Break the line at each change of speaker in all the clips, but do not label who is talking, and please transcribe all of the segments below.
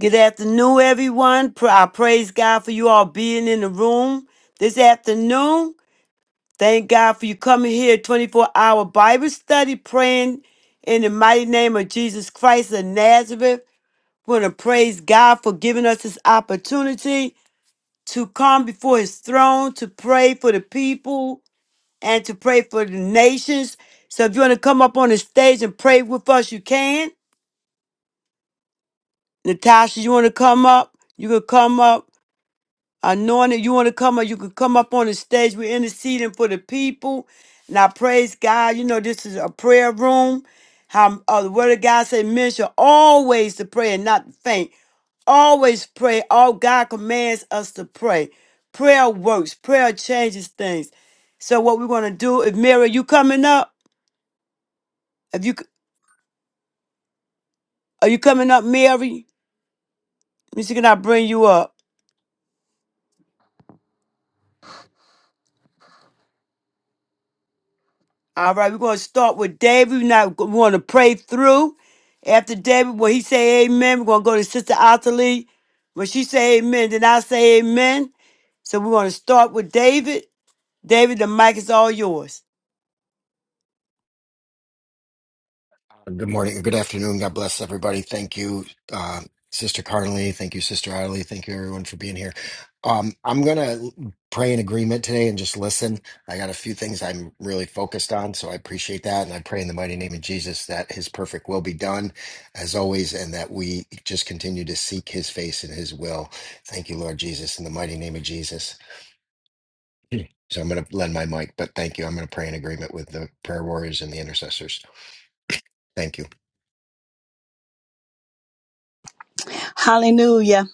Good afternoon, everyone. Pr- I praise God for you all being in the room this afternoon. Thank God for you coming here, 24 hour Bible study, praying in the mighty name of Jesus Christ of Nazareth. We want to praise God for giving us this opportunity to come before his throne to pray for the people and to pray for the nations. So if you want to come up on the stage and pray with us, you can. Natasha, you want to come up? You can come up. Anointed, you want to come up? You can come up on the stage. We're interceding for the people. And I praise God. You know, this is a prayer room. How uh, the word of God said, men should always to pray and not faint. Always pray. All God commands us to pray. Prayer works. Prayer changes things. So what we're gonna do? If Mary, you coming up? If you are you coming up, Mary? Let me see, can I bring you up? All right, we're going to start with David. We're not going to pray through. After David, when he say amen, we're going to go to Sister Ottilie. When she say amen, then I say amen. So we're going to start with David. David, the mic is all yours.
Good morning. Good afternoon. God bless everybody. Thank you, uh, Sister Carnley. Thank you, Sister Adley. Thank you, everyone, for being here. Um, I'm going to pray in agreement today and just listen. I got a few things I'm really focused on, so I appreciate that. And I pray in the mighty name of Jesus that his perfect will be done, as always, and that we just continue to seek his face and his will. Thank you, Lord Jesus, in the mighty name of Jesus. So I'm going to lend my mic, but thank you. I'm going to pray in agreement with the prayer warriors and the intercessors. Thank you.
Hallelujah.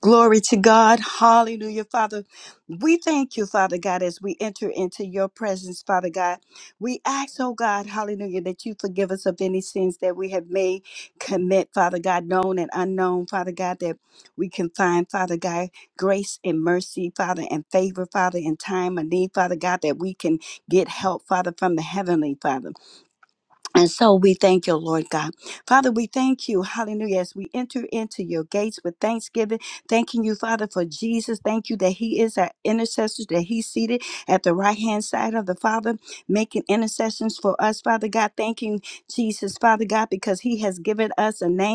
Glory to God. Hallelujah, Father. We thank you, Father God, as we enter into your presence, Father God. We ask, oh God, hallelujah, that you forgive us of any sins that we have made, commit, Father God, known and unknown, Father God, that we can find, Father God, grace and mercy, Father, and favor, Father, in time of need, Father God, that we can get help, Father, from the heavenly, Father. And so we thank you, Lord God. Father, we thank you, hallelujah, as we enter into your gates with thanksgiving, thanking you, Father, for Jesus. Thank you that he is our intercessor, that he's seated at the right hand side of the Father, making intercessions for us, Father God. Thanking Jesus, Father God, because he has given us a name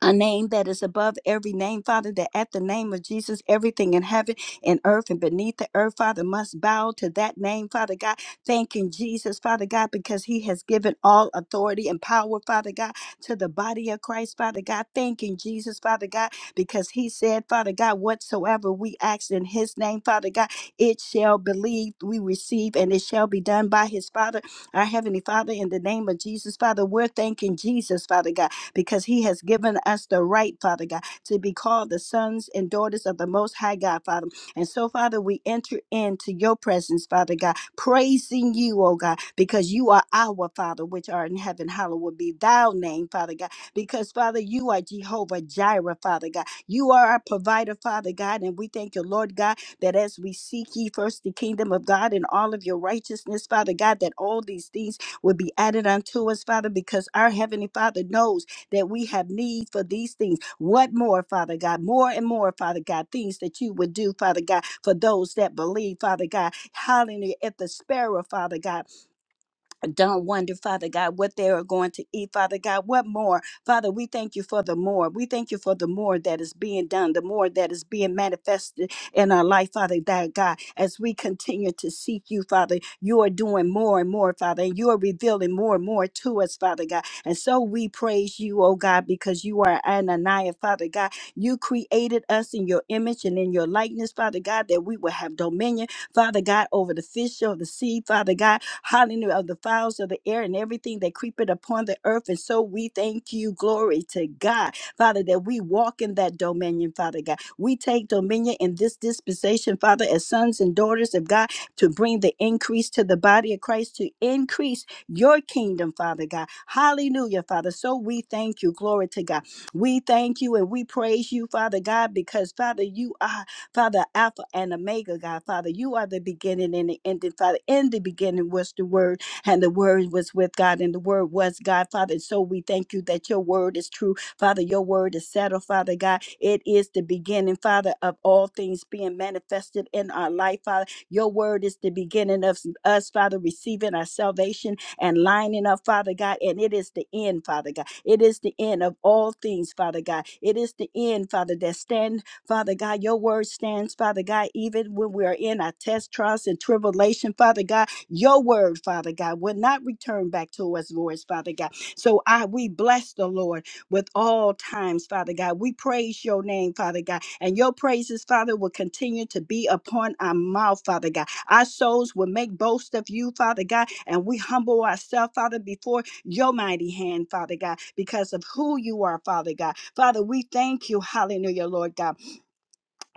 a name that is above every name, Father, that at the name of Jesus, everything in heaven and earth and beneath the earth, Father, must bow to that name, Father God. Thanking Jesus, Father God, because he has given all authority and power, Father God, to the body of Christ, Father God. Thanking Jesus, Father God, because he said, Father God, whatsoever we ask in his name, Father God, it shall believe we receive and it shall be done by his Father, our Heavenly Father, in the name of Jesus, Father. We're thanking Jesus, Father God because He has given us the right, Father God, to be called the sons and daughters of the Most High God, Father. And so, Father, we enter into your presence, Father God, praising you, oh God, because you are our Father, which art in heaven. Hallowed be thou name, Father God, because, Father, you are Jehovah Jireh, Father God. You are our provider, Father God. And we thank you, Lord God, that as we seek ye first the kingdom of God and all of your righteousness, Father God, that all these things will be added unto us, Father, because our Heavenly Father knows that we have need for these things. What more, Father God? More and more, Father God, things that you would do, Father God, for those that believe, Father God. Hallelujah. If the sparrow, Father God, don't wonder, Father God, what they are going to eat, Father God. What more? Father, we thank you for the more. We thank you for the more that is being done, the more that is being manifested in our life, Father that God. As we continue to seek you, Father, you are doing more and more, Father, and you are revealing more and more to us, Father God. And so we praise you, oh God, because you are Ananiah, Father God. You created us in your image and in your likeness, Father God, that we will have dominion, Father God, over the fish of the sea, Father God hallelujah, of the fowls of the air and everything that creepeth upon the earth. And so we thank you, glory to God, Father, that we walk in that dominion, Father God. We take dominion in this dispensation, Father, as sons and daughters of God, to bring the increase to the body of Christ, to increase your kingdom, Father God. Hallelujah, Father. So we thank you, glory to God. We thank you and we praise you, Father God, because, Father, you are. Father, Alpha and Omega, God. Father, you are the beginning and the ending. Father, in the beginning was the Word, and the Word was with God, and the Word was God. Father, and so we thank you that your Word is true. Father, your Word is settled, Father God. It is the beginning, Father, of all things being manifested in our life, Father. Your Word is the beginning of us, Father, receiving our salvation and lining up, Father God. And it is the end, Father God. It is the end of all things, Father God. It is the end, Father, that stand. Father God, your word stands, Father God, even when we are in our test, trials, and tribulation, Father God, your word, Father God, will not return back to us, Lord. Father God. So I we bless the Lord with all times, Father God. We praise your name, Father God, and your praises, Father, will continue to be upon our mouth, Father God. Our souls will make boast of you, Father God, and we humble ourselves, Father, before your mighty hand, Father God, because of who you are, Father God. Father, we thank you, hallelujah, Lord God.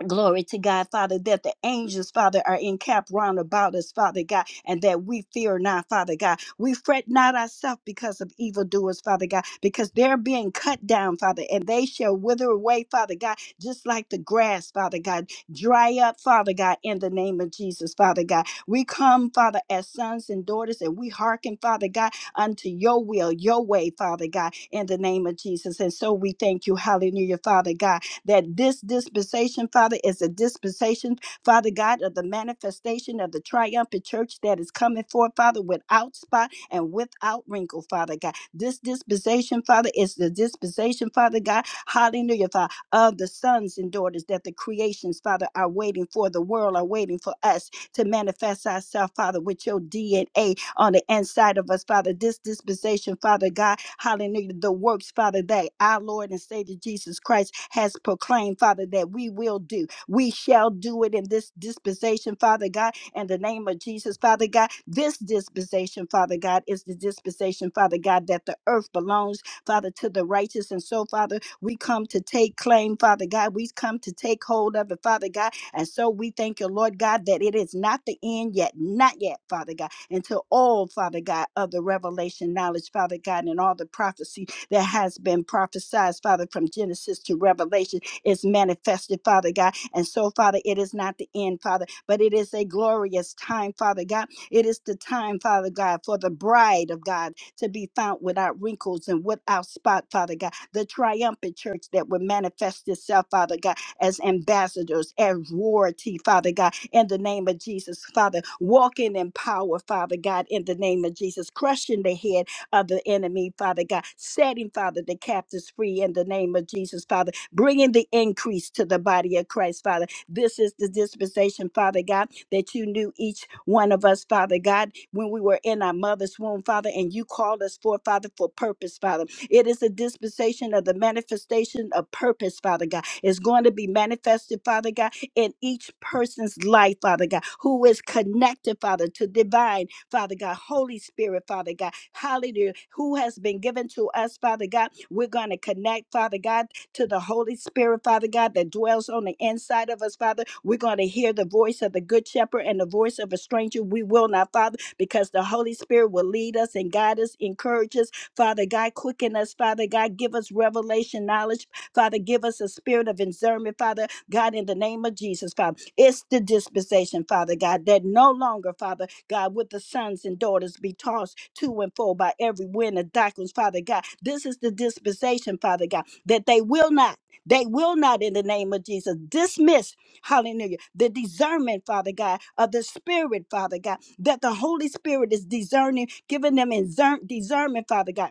Glory to God, Father, that the angels, Father, are encamped round about us, Father God, and that we fear not, Father God. We fret not ourselves because of evildoers, Father God, because they're being cut down, Father, and they shall wither away, Father God, just like the grass, Father God. Dry up, Father God, in the name of Jesus, Father God. We come, Father, as sons and daughters, and we hearken, Father God, unto your will, your way, Father God, in the name of Jesus. And so we thank you, hallelujah, Father God that this dispensation, Father, is a dispensation, Father God, of the manifestation of the triumphant church that is coming forth, Father, without spot and without wrinkle, Father God. This dispensation, Father, is the dispensation, Father God, hallelujah, Father, of the sons and daughters that the creations, Father, are waiting for, the world are waiting for us to manifest ourselves, Father, with your DNA, on the inside of us, Father. This dispensation, Father God, hallelujah, the works, Father, that our Lord and Savior Jesus Christ has proclaimed, Father, that we will do. We shall do it in this dispensation, Father God, in the name of Jesus, Father God. This dispensation, Father God, is the dispensation, Father God, that the earth belongs, Father, to the righteous. And so, Father, we come to take claim, Father God. We come to take hold of it, Father God. And so we thank you, Lord God, that it is not the end yet, not yet, Father God into all, Father God, of the revelation knowledge, Father God, and all the prophecy that has been prophesied, Father, from Genesis to Revelation is manifested, Father God. And so, Father, it is not the end, Father, but it is a glorious time, Father God. It is the time, Father God, for the bride of God to be found without wrinkles and without spot, Father God. The triumphant church that will manifest itself, Father God as ambassadors, as royalty, Father God, in the name of Jesus, Father. Walking in power, Father God, in the name of Jesus, crushing the head of the enemy, Father God, setting, Father, the captives free in the name of Jesus, Father, bringing the increase to the body of Christ, Father. This is the dispensation, Father God, that you knew each one of us, Father God, when we were in our mother's womb, Father, and you called us for, Father, for purpose, Father. It is a dispensation of the manifestation of purpose, Father God. It's going to be manifested, Father God, in each person's life, Father God, who is connected, Father, to divine, Father God, Holy Spirit, Father God. Hallelujah. Who has been given to us, Father God. We're going to connect, Father God, to the Holy Spirit, Father God, that dwells on the inside of us, Father. We're going to hear the voice of the Good Shepherd and the voice of a stranger. We will not, Father, because the Holy Spirit will lead us and guide us, encourage us, Father God, quicken us, Father God, give us revelation knowledge, Father, give us a spirit of discernment, Father God, in the name of Jesus, Father. It's the dispensation, Father God, that no longer, Father God, with the sons and daughters be tossed to and fro by every wind of doctrines, Father God. This is the dispensation, Father God, that they will not. They will not, in the name of Jesus, dismiss, hallelujah, the discernment, Father God, of the Spirit, Father God that the Holy Spirit is discerning, giving them discern, discernment, Father God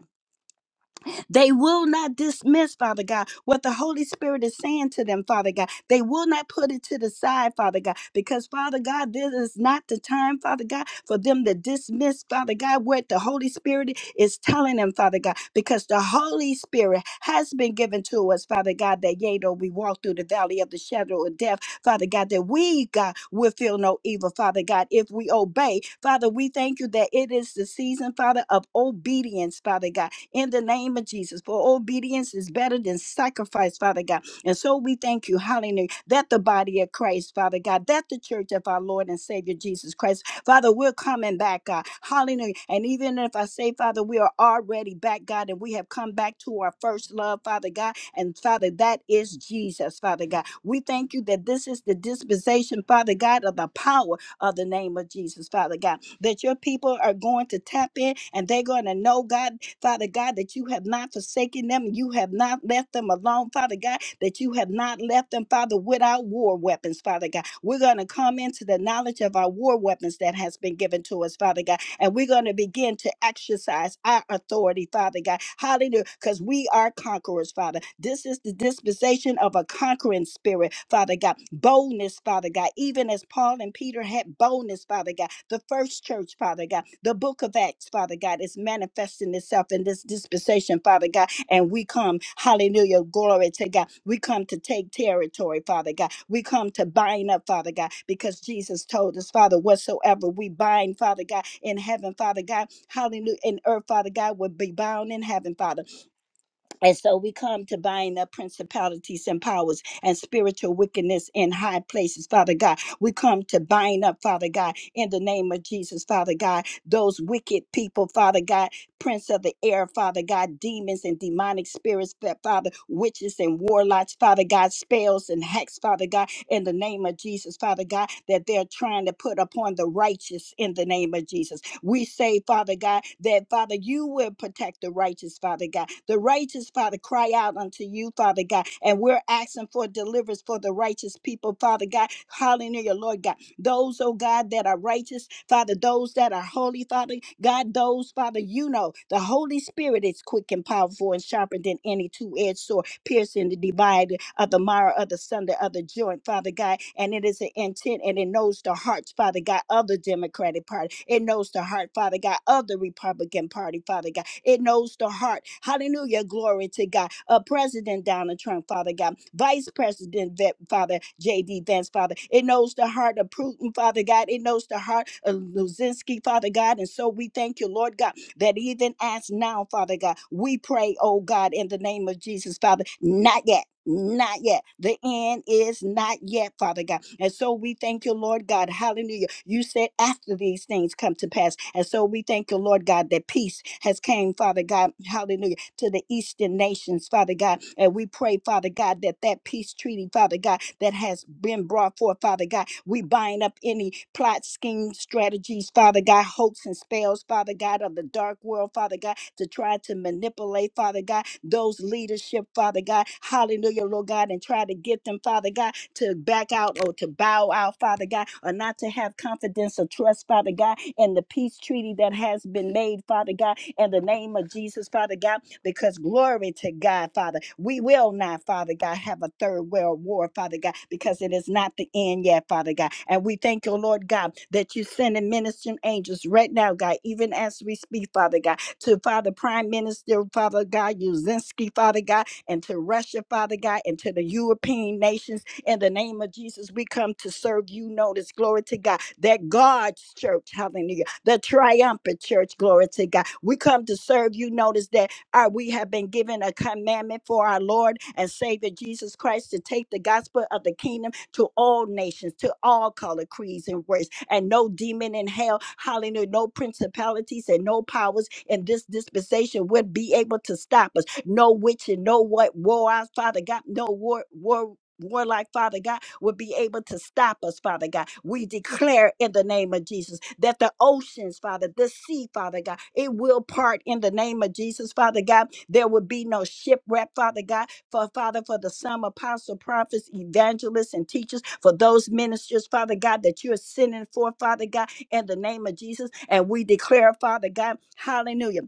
they will not dismiss, Father God, what the Holy Spirit is saying to them, Father God. They will not put it to the side, Father God, because, Father God, this is not the time, Father God, for them to dismiss, Father God, what the Holy Spirit is telling them, Father God, because the Holy Spirit has been given to us, Father God, that yea, though we walk through the valley of the shadow of death, Father God, that we, God, will feel no evil, Father God, if we obey. Father, we thank you that it is the season, Father, of obedience, Father God in the name of Jesus. For obedience is better than sacrifice, Father God. And so we thank you, hallelujah, that the body of Christ, Father God, that the church of our Lord and Savior Jesus Christ, Father, we're coming back, God, hallelujah. And even if I say, Father, we are already back, God, and we have come back to our first love, Father God, and Father, that is Jesus, Father God. We thank you that this is the dispensation, Father God, of the power of the name of Jesus, Father God, that your people are going to tap in and they're going to know, God. Father God, that you have not forsaken them, you have not left them alone, Father God, that you have not left them, Father, without war weapons, Father God. We're going to come into the knowledge of our war weapons that has been given to us, Father God and we're going to begin to exercise our authority, Father God. Hallelujah. Because we are conquerors, Father. This is the dispensation of a conquering spirit, Father God. Boldness, Father God. Even as Paul and Peter had boldness, Father God. The first church, Father God. The book of Acts, Father God, is manifesting itself in this dispensation, Father God and we come, hallelujah, glory to God. We come to take territory, Father God. We come to bind up, Father God, because Jesus told us, Father, whatsoever we bind, Father God, in heaven, Father God, hallelujah, in earth, Father God, will be bound in heaven, Father and so we come to bind up principalities and powers and spiritual wickedness in high places, Father God. We come to bind up, Father God, in the name of Jesus, Father God, those wicked people, Father God, prince of the air, Father God, demons and demonic spirits, Fa- Father, witches and warlocks, Father God, spells and hacks, Father God, in the name of Jesus, Father God, that they're trying to put upon the righteous in the name of Jesus. We say, Father God, that Father, you will protect the righteous, Father God. The righteous, Father, cry out unto you, Father God. And we're asking for deliverance for the righteous people, Father God. Hallelujah, Lord God. Those, oh God, that are righteous, Father, those that are holy, Father God, those, Father, you know, the Holy Spirit is quick and powerful and sharper than any two edged sword piercing the divide of the marrow of the Sunday of the joint, Father God. And it is an intent and it knows the hearts, Father God, of the Democratic Party. It knows the heart, Father God, of the Republican Party, Father God. It knows the heart. Hallelujah. Glory to God. Uh, President Donald Trump, Father God. Vice President, Ve- Father J.D. Vance, Father. It knows the heart of Putin, Father God. It knows the heart of Luzinski, Father God. And so we thank you, Lord God that even as now, Father God, we pray, oh God, in the name of Jesus, Father, not yet. Not yet. The end is not yet, Father God. And so we thank you, Lord God. Hallelujah. You said after these things come to pass. And so we thank you, Lord God, that peace has came, Father God God, hallelujah, to the eastern nations, Father God. And we pray, Father God, that that peace treaty, Father God, that has been brought forth, Father God, we bind up any plot, schemes, strategies, Father God, hopes and spells, Father God, of the dark world, Father God, to try to manipulate, Father God, those leadership, Father God. Hallelujah, Lord God, and try to get them, Father God, to back out or to bow out, Father God, or not to have confidence or trust, Father God, in the peace treaty that has been made, Father God, in the name of Jesus, Father God, because glory to God, Father. We will not, Father God, have a third world war, Father God, because it is not the end yet, Father God. And we thank you, Lord God, that you're sending ministering angels right now, God, even as we speak, Father God to Father Prime Minister, Father God, Uzinski, Father God, and to Russia, Father God, and to the European nations. In the name of Jesus, we come to serve you. Notice, glory to God, that God's church, hallelujah, the triumphant church, glory to God. We come to serve you. Notice that. Uh, we have been given a commandment for our Lord and Savior Jesus Christ to take the gospel of the kingdom to all nations, to all color, creeds, and race, and no demon in hell, hallelujah, no principalities and no powers in this dispensation would be able to stop us. No witch and no what war, Father God, no war, warlike, Father God, would be able to stop us, Father God. We declare in the name of Jesus that the oceans, Father, the sea, Father God, it will part in the name of Jesus, Father God. There will be no shipwreck, Father God, for Father, for the some apostle, prophets, evangelists, and teachers, for those ministers, Father God, that you're sending for, Father God, in the name of Jesus. And we declare, Father God, hallelujah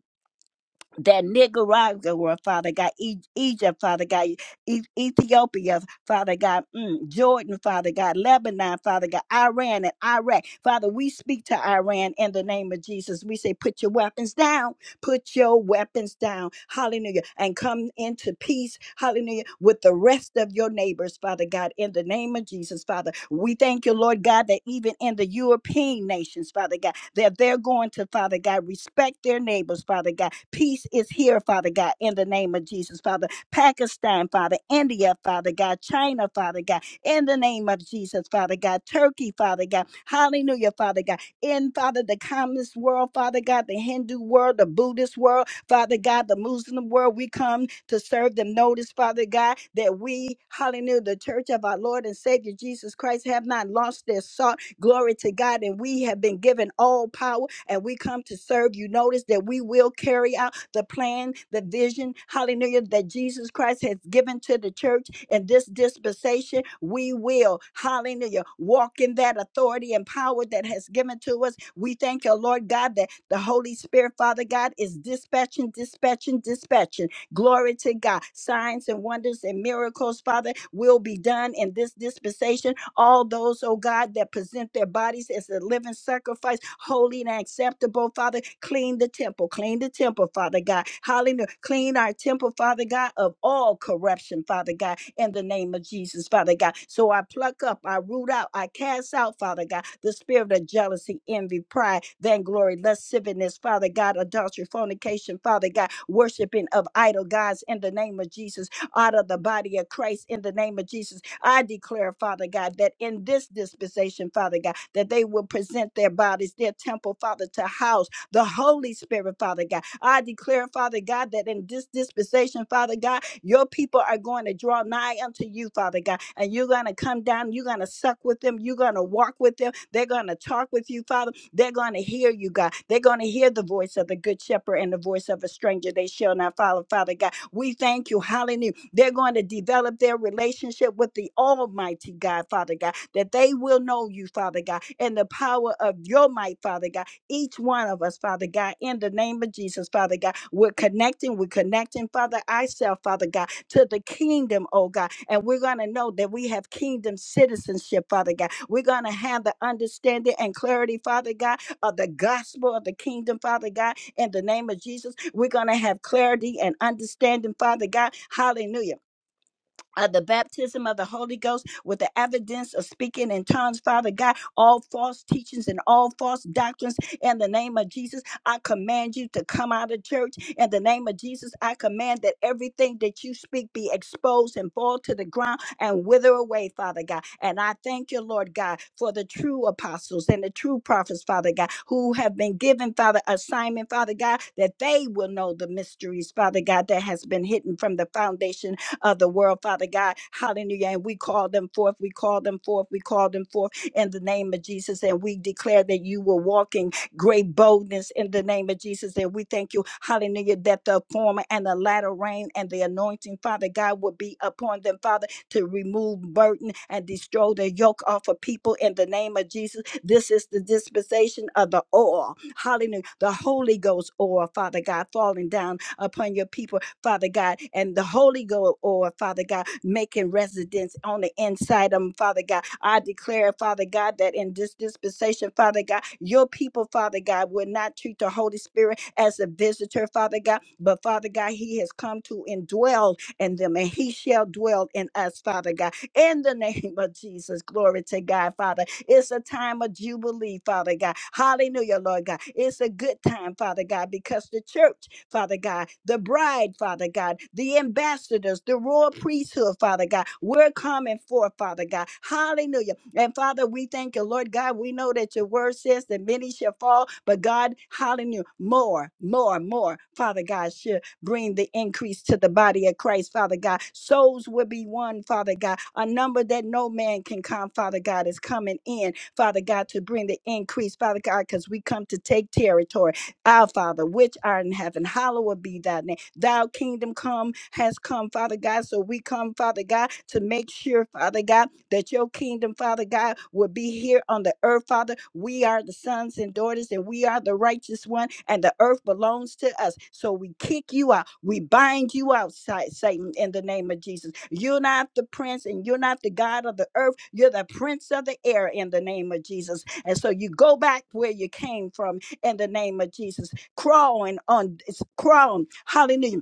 that Nicaragua, Father God, E- Egypt, Father God, e- Ethiopia, Father God, mm, Jordan, Father God, Lebanon, Father God, Iran and Iraq. Father, we speak to Iran in the name of Jesus. We say, put your weapons down. Put your weapons down. Hallelujah. And come into peace. Hallelujah. With the rest of your neighbors, Father God, in the name of Jesus, Father. We thank you, Lord God, that even in the European nations, Father God, that they're going to, Father God, respect their neighbors, Father God. Peace is here, Father God, in the name of Jesus, Father. Pakistan, Father, India, Father God, China, Father God, in the name of Jesus, Father God, Turkey, Father God, hallelujah, Father God in, Father, the communist world, Father God, the Hindu world, the Buddhist world, Father God, the Muslim world. We come to serve them. Notice, Father God, that we, hallelujah, the church of our Lord and Savior Jesus Christ, have not lost their salt. Glory to God. And we have been given all power and we come to serve you. Notice that we will carry out the plan, the vision, hallelujah, that Jesus Christ has given to the church in this dispensation, we will, hallelujah, walk in that authority and power that has given to us. We thank you, Lord God, that the Holy Spirit, Father God, is dispatching, dispatching, dispatching. Glory to God. Signs and wonders and miracles, Father, will be done in this dispensation all those, oh God, that present their bodies as a living sacrifice, holy and acceptable, Father. Clean the temple, clean the temple, Father God. Hallelujah. Clean our temple, Father God, of all corruption, Father God, in the name of Jesus, Father God. So I pluck up, I root out, I cast out, Father God, the spirit of jealousy, envy, pride, vainglory, lasciviousness, Father God, adultery, fornication, Father God, worshiping of idol gods in the name of Jesus out of the body of Christ in the name of Jesus. I declare, Father God, that in this dispensation, Father God, that they will present their bodies, their temple, Father, to house the Holy Spirit, Father God. I declare, Father God, that in this dispensation, Father God, your people are going to draw nigh unto you, Father God, and you're going to come down, you're going to suck with them, you're going to walk with them, they're going to talk with you, Father, they're going to hear you, God, they're going to hear the voice of the Good Shepherd and the voice of a stranger they shall not follow, Father God. We thank you, hallelujah. They're going to develop their relationship with the Almighty God, Father God, that they will know you, Father God, and the power of your might, Father God. Each one of us, Father God, in the name of Jesus, Father God, we're connecting, we're connecting, Father, ourselves, Father God, to the kingdom, oh God. And we're going to know that we have kingdom citizenship, Father God. We're going to have the understanding and clarity, Father God, of the gospel of the kingdom, Father God in the name of Jesus. We're going to have clarity and understanding, Father God. Hallelujah of the baptism of the Holy Ghost with the evidence of speaking in tongues, Father God, all false teachings and all false doctrines in the name of Jesus. I command you to come out of church in the name of Jesus. I command that everything that you speak be exposed and fall to the ground and wither away, Father God. And I thank you, Lord God, for the true apostles and the true prophets, Father God, who have been given, Father, assignment, Father God, that they will know the mysteries, Father God, that has been hidden from the foundation of the world, Father God. Hallelujah. And we call them forth. We call them forth. We call them forth in the name of Jesus. And we declare that you will walk in great boldness in the name of Jesus. And we thank you, hallelujah, that the former and the latter rain and the anointing, Father God, will be upon them, Father, to remove burden and destroy the yoke off of people in the name of Jesus. This is the dispensation of the oil, hallelujah, the Holy Ghost oil, Father God, falling down upon your people Father God, and the Holy Ghost, or Father God, making residence on the inside of them, Father God. I declare, Father God, that in this dispensation, Father God, your people, Father God, will not treat the Holy Spirit as a visitor, Father God, but Father God, He has come to indwell in them, and He shall dwell in us, Father God. In the name of Jesus, glory to God, Father. It's a time of jubilee, Father God. Hallelujah, Lord God. It's a good time, Father God, because the church Father God, the bride, Father God, the ambassadors, the royal priesthood, Father God. We're coming forth, Father God. Hallelujah. And Father, we thank you, Lord God. We know that your word says that many shall fall, but God, hallelujah, more, more, more, Father God, shall bring the increase to the body of Christ, Father God. Souls will be won, Father God. A number that no man can count. Father God, is coming in, Father God, to bring the increase, Father God, because we come to take territory. Our Father, which art in heaven, hallowed be thy name. Thou kingdom come has come, Father God. So we come, Father God, to make sure, Father God, that your kingdom, Father God, will be here on the earth, Father. We are the sons and daughters, and we are the righteous one, and the earth belongs to us. So we kick you out. We bind you out, Sa- Satan, in the name of Jesus. You're not the prince, and you're not the God of the earth. You're the prince of the air in the name of Jesus. And so you go back where you came from in the name of Jesus. Crawling on, it's crawling, hallelujah,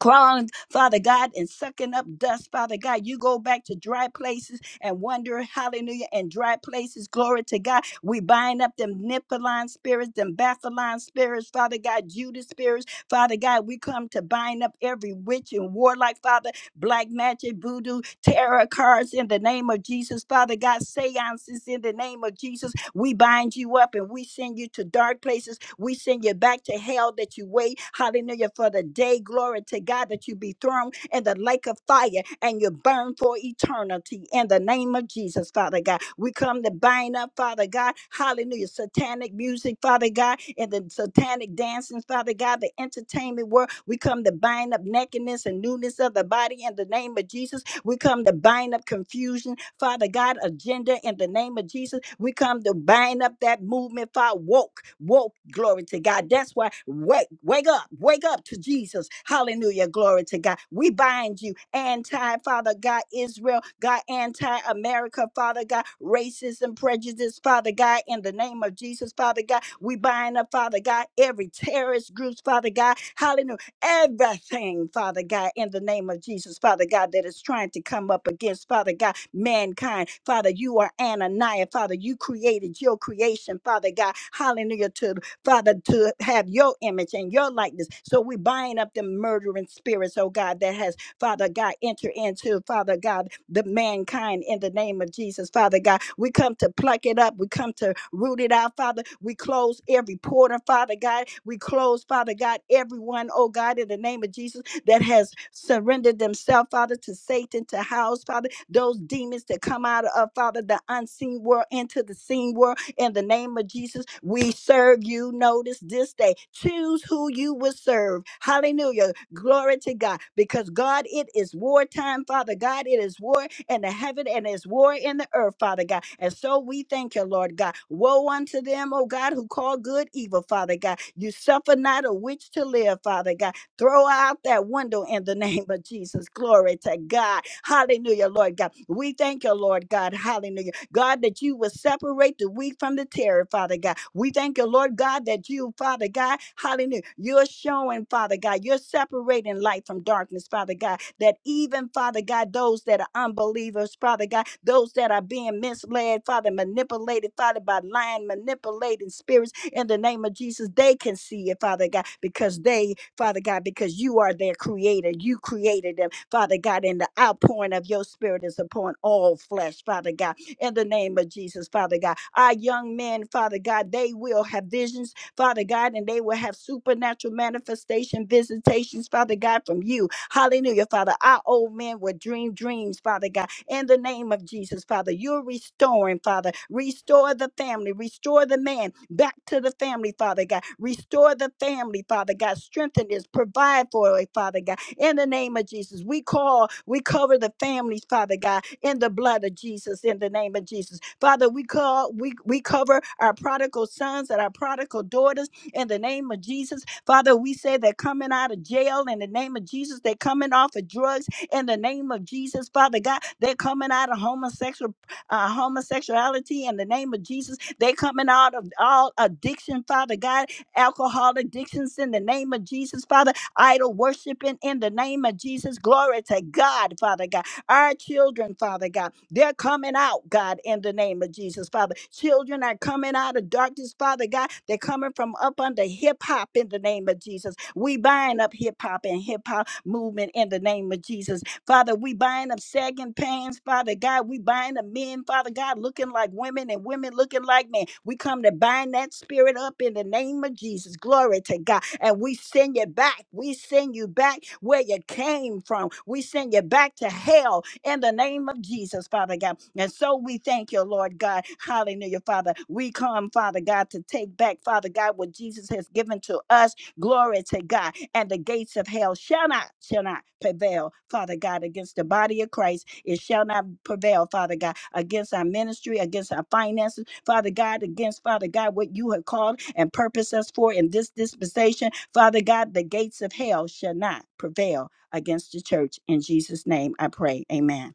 crawling, Father God, and sucking up dust, Father God. You go back to dry places and wonder, hallelujah, and dry places, glory to God. We bind up them Nephilim spirits, them Baphaline spirits, Father God, Judas spirits, Father God. We come to bind up every witch and warlock, Father black magic, voodoo, tarot cards in the name of Jesus. Father God, seances in the name of Jesus. We bind you up and we send you to dark places. We send you back to hell that you wait. Hallelujah. For the day, glory to God, that you be thrown in the lake of fire fire and you burn for eternity in the name of Jesus, Father God. We come to bind up, Father God, hallelujah, satanic music, Father God, and the satanic dancing, Father God, the entertainment world. We come to bind up nakedness and newness of the body in the name of Jesus. We come to bind up confusion Father God, agenda in the name of Jesus. We come to bind up that movement, Father. Woke, woke, glory to God. That's why wake, wake up, wake up to Jesus. Hallelujah, glory to God. We bind you, anti Father God, Israel, God, anti America, Father God, racism, prejudice, Father God, in the name of Jesus, Father God. We bind up, Father God, every terrorist groups, Father God. Hallelujah everything, Father God, in the name of Jesus, Father God, that is trying to come up against, Father God, mankind. Father, you are Ananiah, Father, you created your creation, Father God, hallelujah, to Father, to have your image and your likeness. So we bind up the murdering spirits, oh God, that has Father God, enter into, Father God, the mankind in the name of Jesus, Father God. We come to pluck it up. We come to root it out, Father. We close every portal, Father God. We close, Father God, everyone, oh God, in the name of Jesus that has surrendered themselves, Father, to Satan, to house, Father, those demons that come out of, Father, the unseen world into the seen world. In the name of Jesus, we serve you. Notice this day. Choose who you will serve. Hallelujah. Glory to God. Because God, it is wartime, Father God. It is war in the heaven and it's war in the earth, Father God. And so we thank you, Lord God. Woe unto them, O God, who call good evil, Father God. You suffer not a witch to live, Father God. Throw out that window in the name of Jesus. Glory to God. Hallelujah, Lord God. We thank you, Lord God. Hallelujah. God, that you will separate the weak from the terror, Father God. We thank you, Lord God, that you, Father God, hallelujah, you're showing, Father God, you're separating light from darkness, Father God, that even, Father God, those that are unbelievers, Father God, those that are being misled, Father, manipulated, Father, by lying, manipulating spirits in the name of Jesus, they can see it, Father God, because they Father God, because you are their creator. You created them, Father God, and the outpouring of your spirit is upon all flesh, Father God, in the name of Jesus, Father God. Our young men, Father God, they will have visions, Father God, and they will have supernatural manifestation visitations, Father God, from you. Hallelujah, Father. Our old men will dream dreams, Father God in the name of Jesus, Father. You're restoring, Father. Restore the family. Restore the man back to the family, Father God. Restore the family, Father God. Strengthen this. Provide for it, Father God. In the name of Jesus, we call, we cover the families, Father God, in the blood of Jesus, in the name of Jesus. Father, we call, we, we cover our prodigal sons and our prodigal daughters in the name of Jesus. Father, we say they're coming out of jail in the name of Jesus. They're coming off of drugs in the name of Jesus, Father God. They're coming out of homosexual uh, homosexuality in the name of Jesus. They're coming out of all addiction, Father God, alcohol addictions in the name of Jesus, Father, idol worshiping in the name of Jesus. Glory to God, Father God. Our children, Father God, they're coming out, God, in the name of Jesus, Father. Children are coming out of darkness, Father God. They're coming from up under hip hop in the name of Jesus. We bind up hip hop and hip hop movement in the name of Jesus Father, we bind up sagging pants, Father God. We bind up men, Father God, looking like women and women looking like men. We come to bind that spirit up in the name of Jesus. Glory to God. And we send you back. We send you back where you came from. We send you back to hell in the name of Jesus, Father God. And so we thank you, Lord God. Hallelujah, Father. We come, Father God, to take back, Father God, what Jesus has given to us. Glory to God. And the gates of hell shall not, shall not prevail, Father God, against the body of Christ. It shall not prevail, Father God, against our ministry, against our finances, Father God, against, Father God, what you have called and purposed us for in this dispensation. Father God, the gates of hell shall not prevail against the church. In Jesus' name I pray. Amen.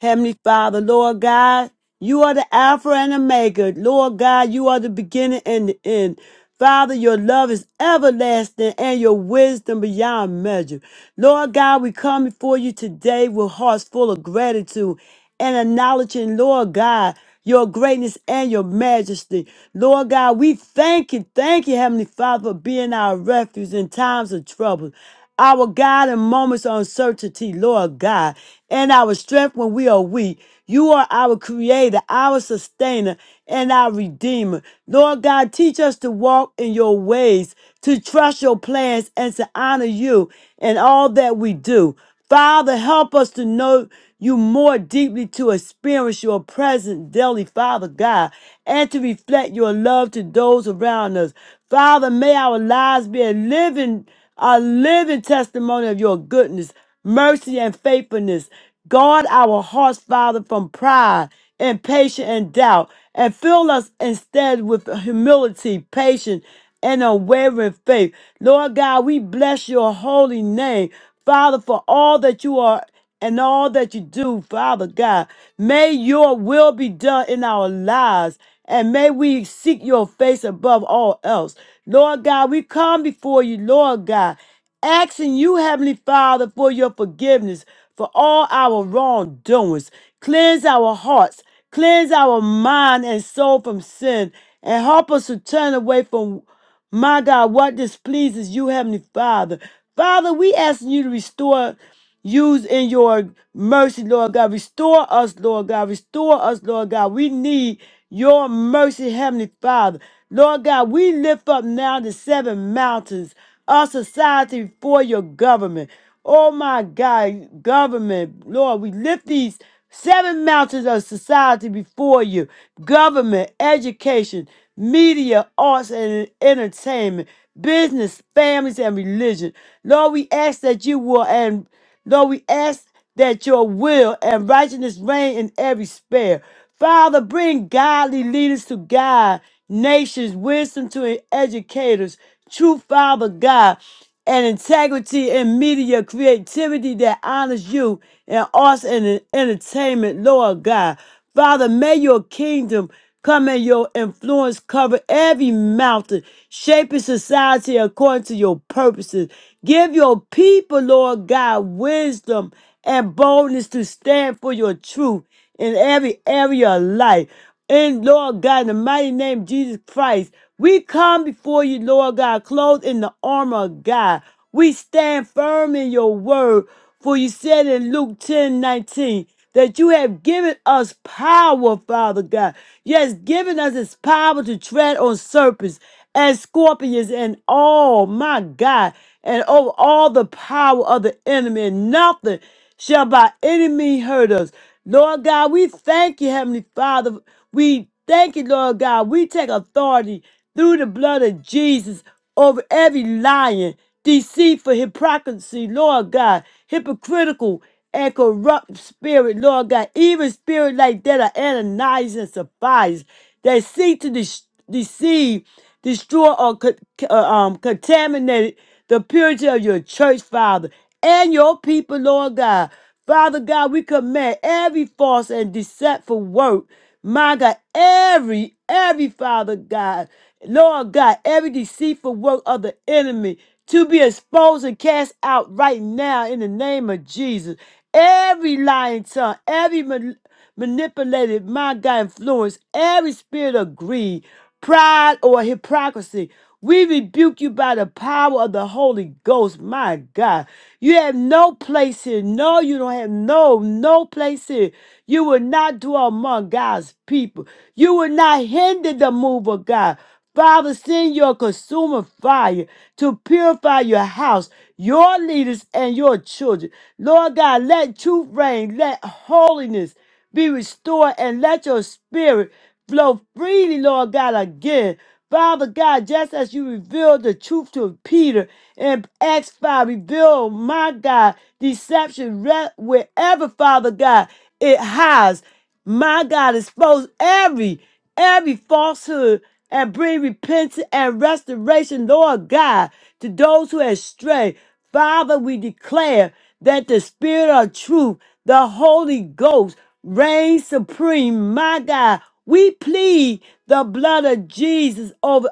Heavenly Father, Lord God, you are the Alpha and Omega. Lord God, you are the beginning and the end. Father, your love is everlasting and your wisdom beyond measure. Lord God, we come before you today with hearts full of gratitude and acknowledging, Lord God, your greatness and your majesty. Lord God, we thank you, thank you, Heavenly Father, for being our refuge in times of trouble. Our God in moments of uncertainty, Lord God, and our strength when we are weak. You are our creator, our sustainer, and our redeemer. Lord God, teach us to walk in your ways, to trust your plans, and to honor you in all that we do. Father, help us to know you more deeply, to experience your presence daily, Father God, and to reflect your love to those around us. Father, may our lives be a living, a living testimony of your goodness, mercy, and faithfulness. Guard our hearts, Father, from pride, impatience, and doubt, and fill us instead with humility, patience, and unwavering faith. Lord God, we bless your holy name, Father, for all that you are and all that you do, Father God. May your will be done in our lives, and may we seek your face above all else. Lord God, we come before you, Lord God asking you, Heavenly Father, for your forgiveness for all our wrongdoings. Cleanse our hearts, cleanse our mind and soul from sin, and help us to turn away from, my God, what displeases you, Heavenly Father. Father, we asking you to restore. Use in your mercy, Lord God. Restore us, Lord God. Restore us, Lord God. We need your mercy, Heavenly Father. Lord God, we lift up now the seven mountains, our society before your government. Oh my God, government, Lord, we lift these seven mountains of society before you government, education, media, arts, and entertainment, business, families, and religion. Lord, we ask that you will and Lord, we ask that your will and righteousness reign in every sphere. Father, bring godly leaders to guide nations, wisdom to educators, true Father God, and integrity in media, creativity that honors you, and arts and entertainment, Lord God. Father, may your kingdom Come and your influence cover every mountain, shaping society according to your purposes. Give your people, Lord God, wisdom and boldness to stand for your truth in every area of life. In Lord God, in the mighty name of Jesus Christ, we come before you, Lord God, clothed in the armor of God. We stand firm in your word, for you said in Luke 10 19 that you have given us power, Father God. Yes, given us this power to tread on serpents and scorpions and all, my God, and over all the power of the enemy, and nothing shall by any means hurt us. Lord God, we thank you, Heavenly Father. We thank you, Lord God. We take authority through the blood of Jesus over every lying, deceitful hypocrisy, Lord God, hypocritical and corrupt spirit, Lord God, even spirit like that are Ananias and Sapphira that seek to de- deceive destroy or co- uh, um, contaminate the purity of your church, Father, and your people, Lord God. Father God, we command every false and deceitful work, my God, every, every Father God, Lord God, every deceitful work of the enemy to be exposed and cast out right now in the name of Jesus. Every lying tongue, every manipulated, my God, influence, every spirit of greed, pride, or hypocrisy. We rebuke you by the power of the Holy Ghost, my God. You have no place here. No, you don't have no, no place here. You will not dwell among God's people. You will not hinder the move of God. Father, send your consuming fire to purify your house, your leaders, and your children. Lord God, let truth reign, let holiness be restored and let your spirit flow freely, Lord God, again. Father God, just as you revealed the truth to Peter in Acts 5, reveal, my God, deception re- wherever, Father God, it hides. My God, expose every every falsehood and bring repentance and restoration, Lord God, to those who have strayed. Father, we declare that the Spirit of truth, the Holy Ghost, reigns supreme. My God, we plead the blood of Jesus over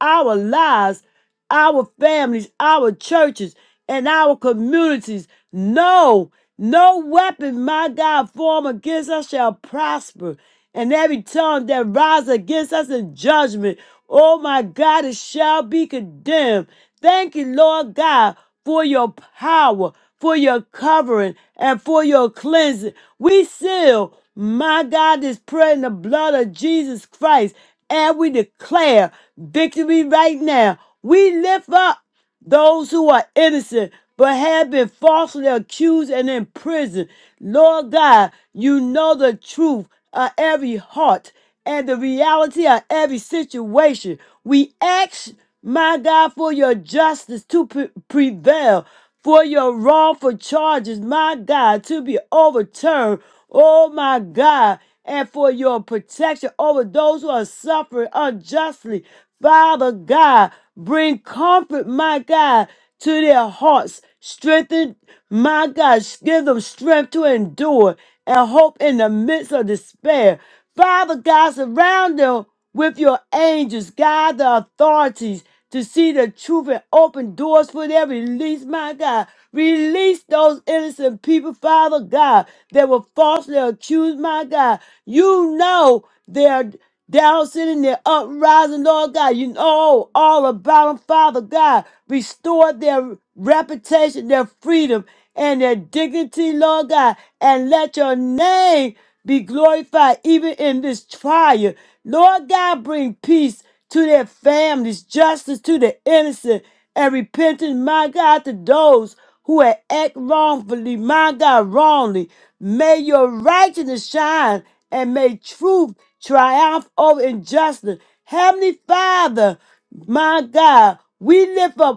our lives, our families, our churches, and our communities. No, no weapon, my God, form against us shall prosper and every tongue that rises against us in judgment, oh my God, it shall be condemned. Thank you, Lord God, for your power, for your covering, and for your cleansing. We seal, my God, this prayer in the blood of Jesus Christ, and we declare victory right now. We lift up those who are innocent but have been falsely accused and imprisoned. Lord God, you know the truth of every heart and the reality of every situation. We ask, my God, for your justice to pre- prevail, for your wrongful charges, my God, to be overturned. Oh, my God and for your protection over those who are suffering unjustly. Father God, bring comfort, my God, to their hearts. Strengthen, my God, give them strength to endure and hope in the midst of despair. Father God, surround them with your angels, guide the authorities to see the truth and open doors for their release, my God. Release those innocent people, Father God, that were falsely accused, my God. You know their down sitting there uprising, Lord God. You know all about them, Father God. Restore their reputation, their freedom, and their dignity, Lord God. And let your name be glorified even in this trial. Lord God, bring peace to their families, justice to the innocent, and repentance, my God, to those who have acted wrongfully, my God, wrongly. May your righteousness shine and may truth triumph over injustice. Heavenly Father, my God, we lift up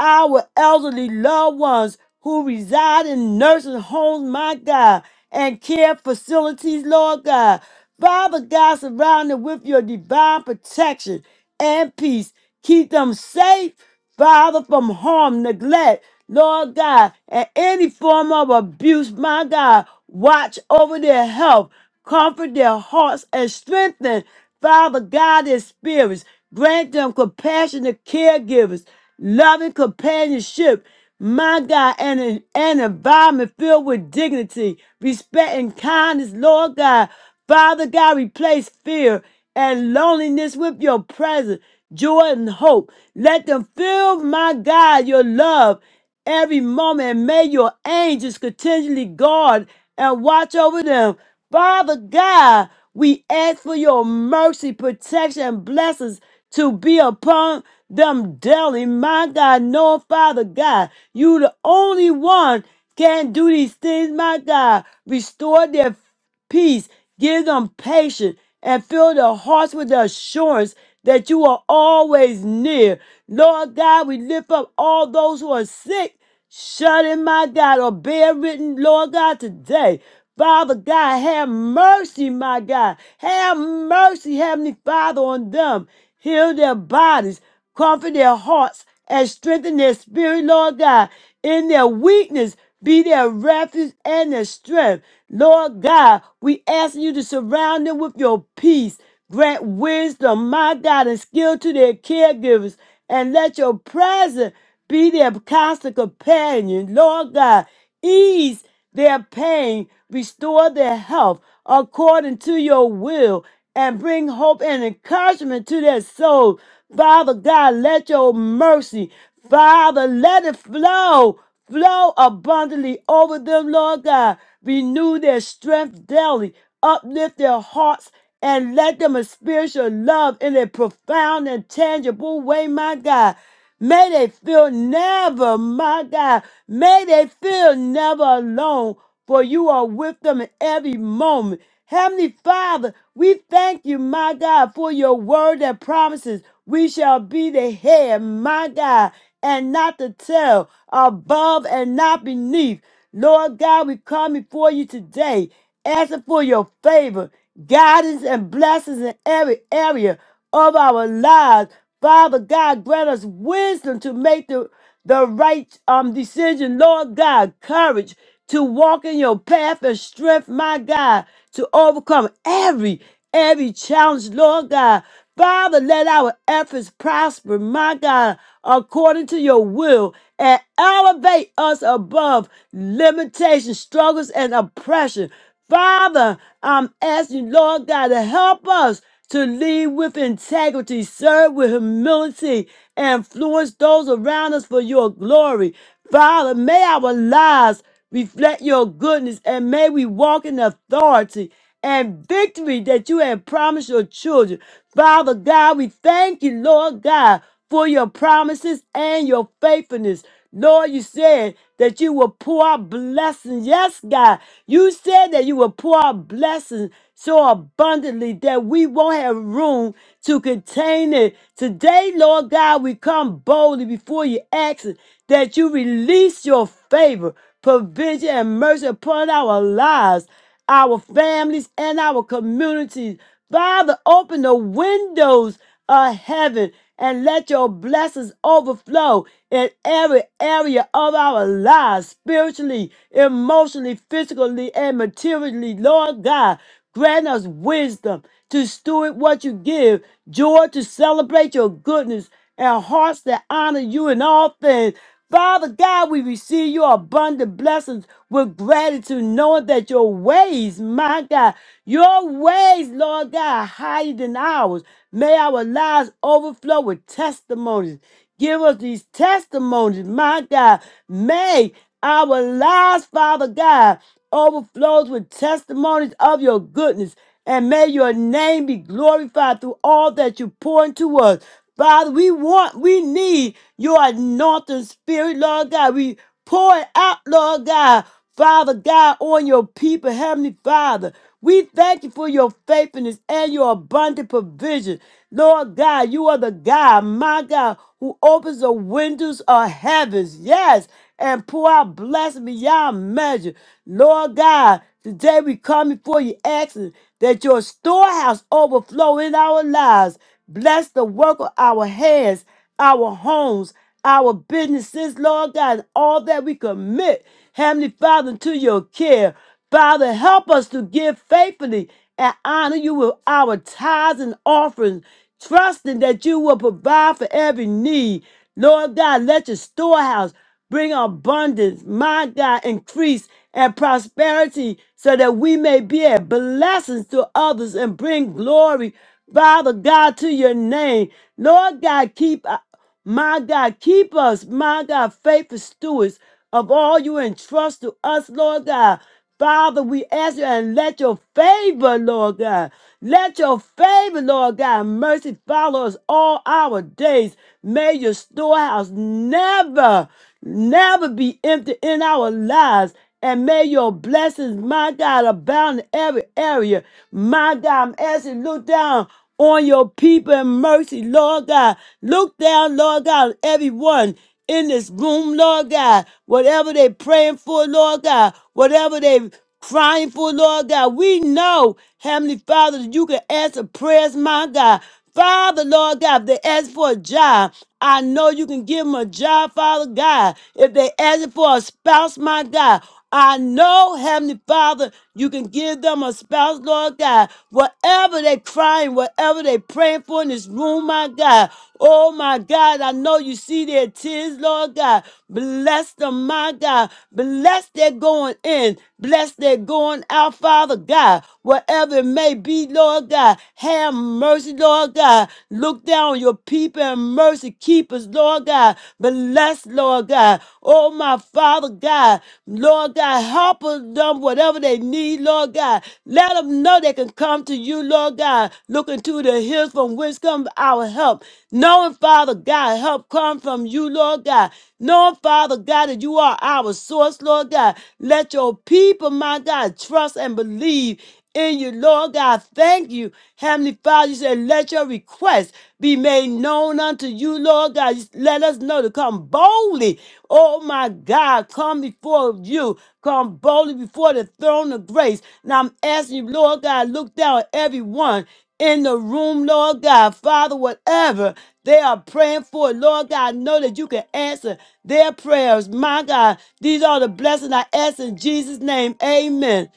our elderly loved ones who reside in nursing homes, my God, and care facilities, Lord God. Father God, surround them with your divine protection and peace. Keep them safe, Father, from harm, neglect, Lord God, and any form of abuse, my God. Watch over their health, comfort their hearts, and strengthen, Father God, their spirits. Grant them compassionate caregivers loving companionship, my God, and an, an environment filled with dignity, respect, and kindness, Lord God. Father God, replace fear and loneliness with your presence, joy, and hope. Let them feel, my God, your love every moment and may your angels continually guard and watch over them. Father God, we ask for your mercy, protection, and blessings to be upon them daily. My God, no, Father God, you the only one can do these things, my God. Restore their peace. Give them patience and fill their hearts with the assurance that you are always near. Lord God, we lift up all those who are sick Shut in, my God, or bear written, Lord God, today. Father God, have mercy, my God. Have mercy, Heavenly Father, on them. Heal their bodies, comfort their hearts, and strengthen their spirit, Lord God. In their weakness, be their refuge and their strength. Lord God, we ask you to surround them with your peace. Grant wisdom, my God, and skill to their caregivers and let your presence be their constant companion. Lord God, ease their pain, restore their health according to your will, and bring hope and encouragement to their souls. Father God, let your mercy, Father, let it flow. Flow abundantly over them, Lord God. Renew their strength daily. Uplift their hearts and let them experience your love in a profound and tangible way, my God. May they feel never, my God. May they feel never alone for you are with them in every moment. Heavenly Father, we thank you, my God, for your word that promises we shall be the head, my God, and not the tail, above and not beneath. Lord God, we come before you today, asking for your favor guidance and blessings in every area of our lives. Father God, grant us wisdom to make the, the right um, decision. Lord God, courage to walk in your path and strength, my God, to overcome every, every challenge, Lord God. Father, let our efforts prosper, my God, according to your will, and elevate us above limitation, struggles, and oppression. Father, I'm asking, Lord God, to help us to lead with integrity, serve with humility, and influence those around us for your glory. Father, may our lives reflect your goodness and may we walk in authority and victory that you have promised your children. Father God, we thank you, Lord God, for your promises and your faithfulness. Lord, you said that you will pour out blessings. Yes, God, you said that you will pour out blessings so abundantly that we won't have room to contain it. Today, Lord God, we come boldly before you, asking that you release your favor, provision, and mercy upon our lives our families, and our communities. Father, open the windows of heaven and let your blessings overflow in every area of our lives, spiritually, emotionally, physically, and materially. Lord God, grant us wisdom to steward what you give, joy to celebrate your goodness, and hearts that honor you in all things. Father God, we receive your abundant blessings with gratitude, knowing that your ways, my God, your ways, Lord God, are higher than ours. May our lives overflow with testimonies. Give us these testimonies, my God. May our lives, Father God, overflows with testimonies of your goodness and may your name be glorified through all that you pour into us. Father, we want, we need your anointing spirit, Lord God. We pour it out, Lord God. Father God, on your people, Heavenly Father. We thank you for your faithfulness and your abundant provision. Lord God, you are the God, my God, who opens the windows of heavens, yes, and pour out blessings beyond measure. Lord God, today we come before you asking that your storehouse overflow in our lives. Bless the work of our hands, our homes, our businesses, Lord God, and all that we commit, Heavenly Father, to your care. Father, help us to give faithfully and honor you with our tithes and offerings, trusting that you will provide for every need. Lord God, let your storehouse Bring abundance, my God, increase and prosperity so that we may be a blessing to others and bring glory, Father God, to your name. Lord God, keep uh, my God, keep us, my God, faithful stewards of all you entrust to us, Lord God. Father, we ask you and let your favor, Lord God, let your favor, Lord God, mercy follow us all our days. May your storehouse never, never be empty in our lives. And may your blessings, my God, abound in every area. My God, I'm asking, look down on your people and mercy, Lord God. Look down, Lord God, on everyone in this room, Lord God. Whatever they praying for, Lord God. Whatever they crying for, Lord God. We know, Heavenly Father, that you can answer prayers, my God. Father, Lord God, if they ask for a job, I know you can give them a job, Father God. If they ask for a spouse, my God, I know, Heavenly Father, you can give them a spouse, Lord God. Whatever they crying, whatever they praying for in this room, my God. Oh, my God, I know you see their tears, Lord God. Bless them, my God. Bless their going in. Bless their going out, Father God. Whatever it may be, Lord God. Have mercy, Lord. Lord God. Look down on your people and mercy. Keep us, Lord God. Bless, Lord God. Oh, my Father God. Lord God, help us them whatever they need, Lord God. Let them know they can come to you, Lord God. Looking to the hills from which comes our help. Knowing, Father God, help come from you, Lord God. Knowing, Father God, that you are our source, Lord God. Let your people, my God, trust and believe in you, Lord God. Thank you, Heavenly Father. You said, Let your request be made known unto you, Lord God. Just Let us know to come boldly. Oh my God, come before you. Come boldly before the throne of grace. Now I'm asking you, Lord God, look down at everyone in the room, Lord God. Father, whatever they are praying for, Lord God, know that you can answer their prayers. My God, these are the blessings I ask in Jesus' name. Amen.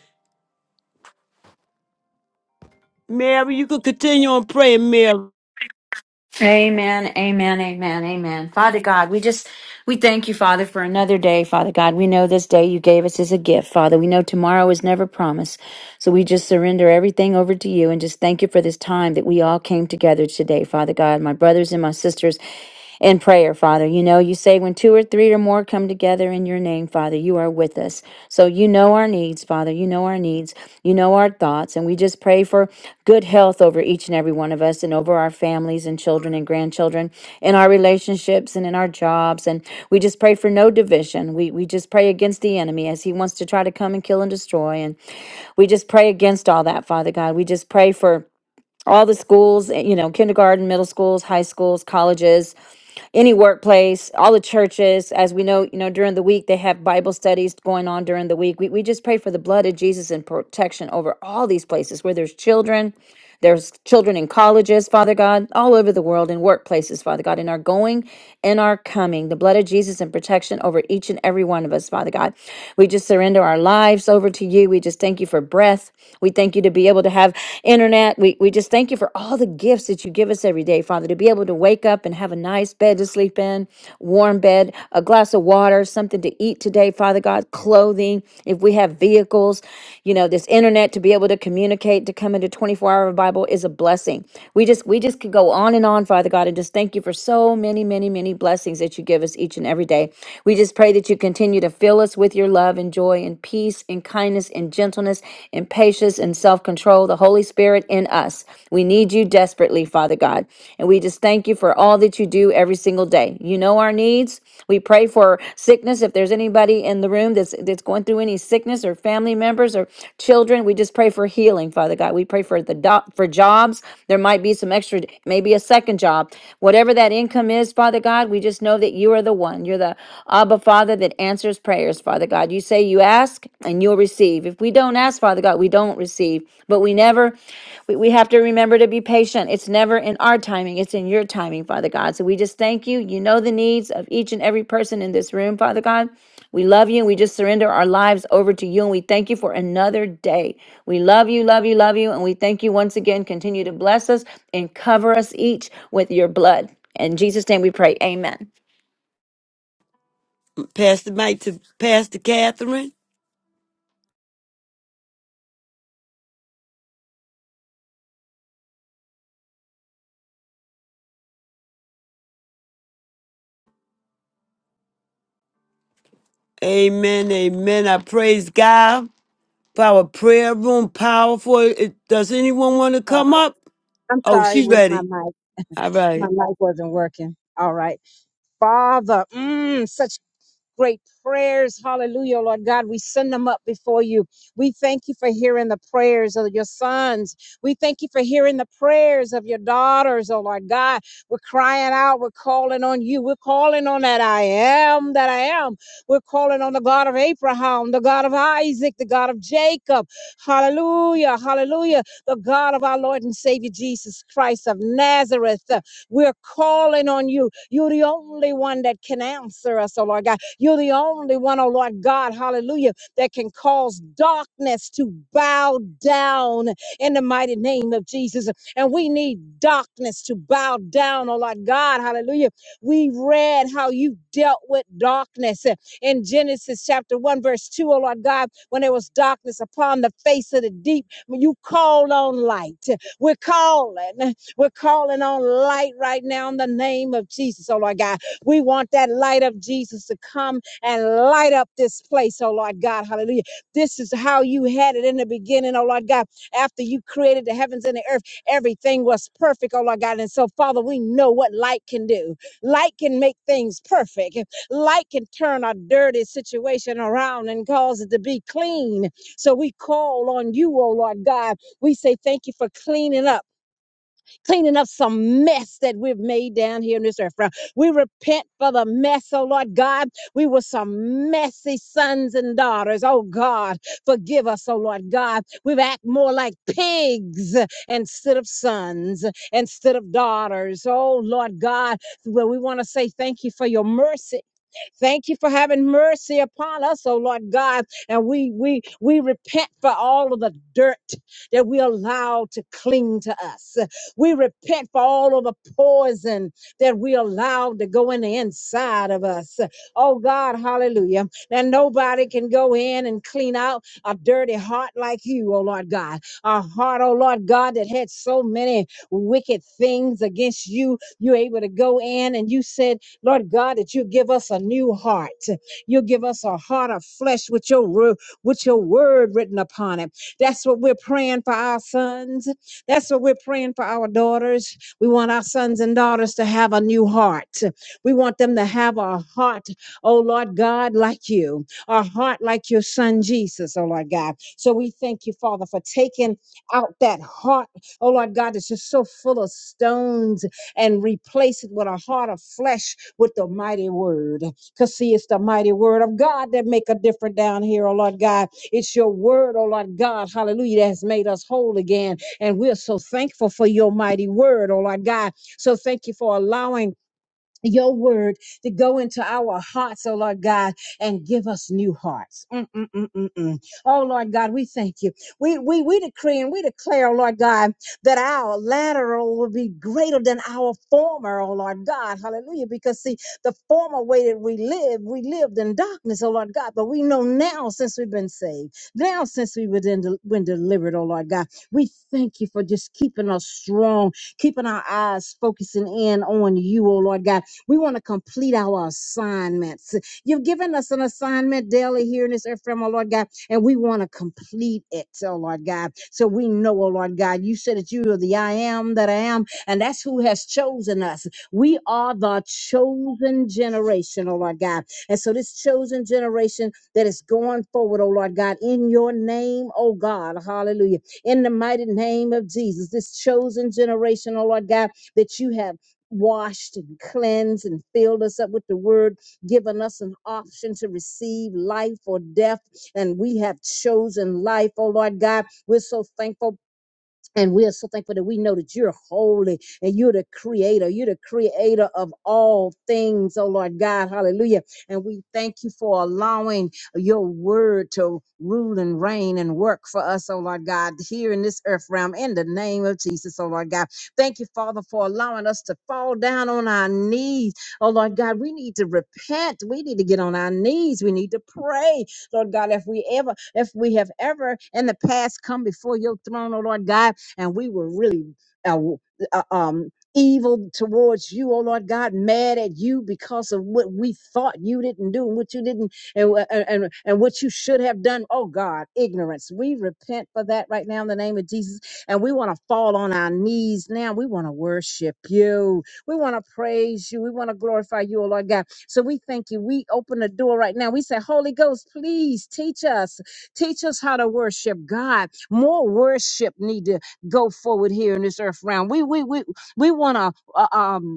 Mary, you could continue on praying, Mary.
Amen, amen, amen, amen. Father God, we just, we thank you, Father, for another day, Father God. We know this day you gave us is a gift, Father. We know tomorrow is never promised. So we just surrender everything over to you and just thank you for this time that we all came together today, Father God, my brothers and my sisters in prayer, Father. You know, you say when two or three or more come together in your name, Father, you are with us. So you know our needs, Father. You know our needs. You know our thoughts. And we just pray for good health over each and every one of us and over our families and children and grandchildren in our relationships and in our jobs. And we just pray for no division. We, we just pray against the enemy as he wants to try to come and kill and destroy. And we just pray against all that, Father God. We just pray for all the schools, eh, you know, kindergarten, middle schools, high schools, colleges, any workplace, all the churches, as we know, you know, during the week, they have Bible studies going on during the week. We, we just pray for the blood of Jesus and protection over all these places where there's children, there's children in colleges, Father God, all over the world, in workplaces, Father God, in our going and our coming, the blood of Jesus and protection over each and every one of us, Father God. We just surrender our lives over to you. We just thank you for breath. We thank you to be able to have internet. We, we just thank you for all the the gifts that you give us every day, Father, to be able to wake up and have a nice bed to sleep in, warm bed, a glass of water, something to eat today, Father God, clothing, if we have vehicles, you know, this internet to be able to communicate, to come into 24 hour Bible is a blessing. We just, we just could go on and on, Father God, and just thank you for so many, many, many blessings that you give us each and every day. We just pray that you continue to fill us with your love and joy and peace and kindness and gentleness and patience patience, and self control, the Holy Spirit in us. We need you desperately, Father God. And we just thank you for all that you do every single day. You know our needs. We pray for sickness. If there's anybody in the room that's that's going through any sickness or family members or children, we just pray for healing, Father God. We pray for the doc, for jobs. There might be some extra, maybe a second job. Whatever that income is, Father God, we just know that you are the one. You're the Abba Father that answers prayers, Father. Father God. You say you ask and you'll receive. If we don't ask, Father God, we don't receive. But we never, we, we have to remember to be patient. It's never in our timing, it's in your timing, Father God. So we just thank you. You know the needs of each and every person in this room, Father God. We love you and we just surrender our lives over to you and we thank you for another day. We love you, love you, love you, and we thank you once again. Continue to bless us and cover us each with your blood. In Jesus' name we pray. Amen.
Pass the mic to Pastor Catherine. Amen, amen. I praise God for our prayer room, powerful. It- Does anyone want to
sorry.
come up?
I'm
Oh,
sorry. It
she's
was my
ready.
mic.
All
My
right.
mic wasn't working. All right. Father, mm, such great prayers. Hallelujah, Lord God. We send them up before you. We thank you for hearing the prayers of your sons. We thank you for hearing the prayers of your daughters, oh Lord God. We're crying out. We're calling on you. We're calling on that I am that I am. We're calling on the God of Abraham, the God of Isaac, the God of Jacob. Hallelujah, hallelujah. The God of our Lord and Savior Jesus Christ of Nazareth. We're calling on you. You're the only one that can answer us, oh Lord God. You're the only one, oh Lord God, hallelujah, that can cause darkness to bow down in the mighty name of Jesus. And we need darkness to bow down, oh Lord God, hallelujah. We read how you dealt with darkness uh, in Genesis chapter 1, verse 2, O Lord God, when there was darkness upon the face of the deep, when you called on light. We're calling, we're calling on light right now in the name of Jesus, oh Lord God. We want that light of Jesus to come and light up this place, oh Lord God. Hallelujah. This is how you had it in the beginning, oh Lord God. After you created the heavens and the earth, everything was perfect, oh Lord God. And so, Father, we know what light can do. Light can make things perfect. Light can turn a dirty situation around and cause it to be clean. So we call on you, oh Lord God. We say thank you for cleaning up cleaning up some mess that we've made down here in this earth. Father. We repent for the mess, oh Lord God. We were some messy sons and daughters. Oh God, forgive us, oh Lord God. We've acted more like pigs instead of sons, instead of daughters. Oh Lord God, well, we want to say thank you for your mercy Thank you for having mercy upon us, oh Lord God. And we we we repent for all of the dirt that we allow to cling to us. We repent for all of the poison that we allowed to go in the inside of us. Oh God, hallelujah. And nobody can go in and clean out a dirty heart like you, oh Lord God. A heart, oh Lord God, that had so many wicked things against you. You're able to go in and you said Lord God, that you give us a new heart. You give us a heart of flesh with your ru- with your word written upon it. That's what we're praying for our sons. That's what we're praying for our daughters. We want our sons and daughters to have a new heart. We want them to have a heart, oh Lord God, like you, a heart like your son Jesus, oh Lord God. So we thank you, Father, for taking out that heart, oh Lord God, that's just so full of stones and replace it with a heart of flesh with the mighty word. Because see, it's the mighty word of God that make a difference down here, oh Lord God. It's your word, oh Lord God, hallelujah, that has made us whole again. And we're so thankful for your mighty word, oh Lord God. So thank you for allowing your word to go into our hearts, oh Lord God, and give us new hearts. Mm, mm, mm, mm, mm. Oh Lord God, we thank you. We, we, we decree and we declare, oh Lord God, that our lateral will be greater than our former, oh Lord God. Hallelujah. Because see, the former way that we live, we lived in darkness, oh Lord God, but we know now since we've been saved, now since we were been, del- been delivered, oh Lord God, we thank you for just keeping us strong keeping our eyes focusing in on you, oh Lord God we want to complete our assignments. You've given us an assignment daily here in this earth realm, oh Lord God, and we want to complete it, oh Lord God. So we know, oh Lord God, you said that you are the I am that I am, and that's who has chosen us. We are the chosen generation, oh Lord God. And so this chosen generation that is going forward, oh Lord God, in your name, oh God, hallelujah. In the mighty name of Jesus, this chosen generation, oh Lord God, that you have washed and cleansed and filled us up with the word, given us an option to receive life or death. And we have chosen life, oh Lord God. We're so thankful and we are so thankful that we know that you're holy and you're the creator. You're the creator of all things, oh Lord God. Hallelujah. And we thank you for allowing your word to rule and reign and work for us, oh Lord God, here in this earth realm in the name of Jesus, oh Lord God. Thank you, Father, for allowing us to fall down on our knees. Oh Lord God, we need to repent. We need to get on our knees. We need to pray. Lord God, if we ever, if we have ever in the past come before your throne, oh Lord God, and we were really uh, uh, um, evil towards you, oh Lord God, mad at you because of what we thought you didn't do and what you didn't and wha- and and and what you should have done. Oh God, ignorance. We repent for that right now in the name of Jesus, and we want to fall on our knees now. We want to worship you. We want to praise you. We want to glorify you, oh Lord God. So we thank you. We open the door right now. We say, Holy Ghost, please teach us, teach us how to worship God. More worship needed go forward here in this earth realm. We we we we want to uh, um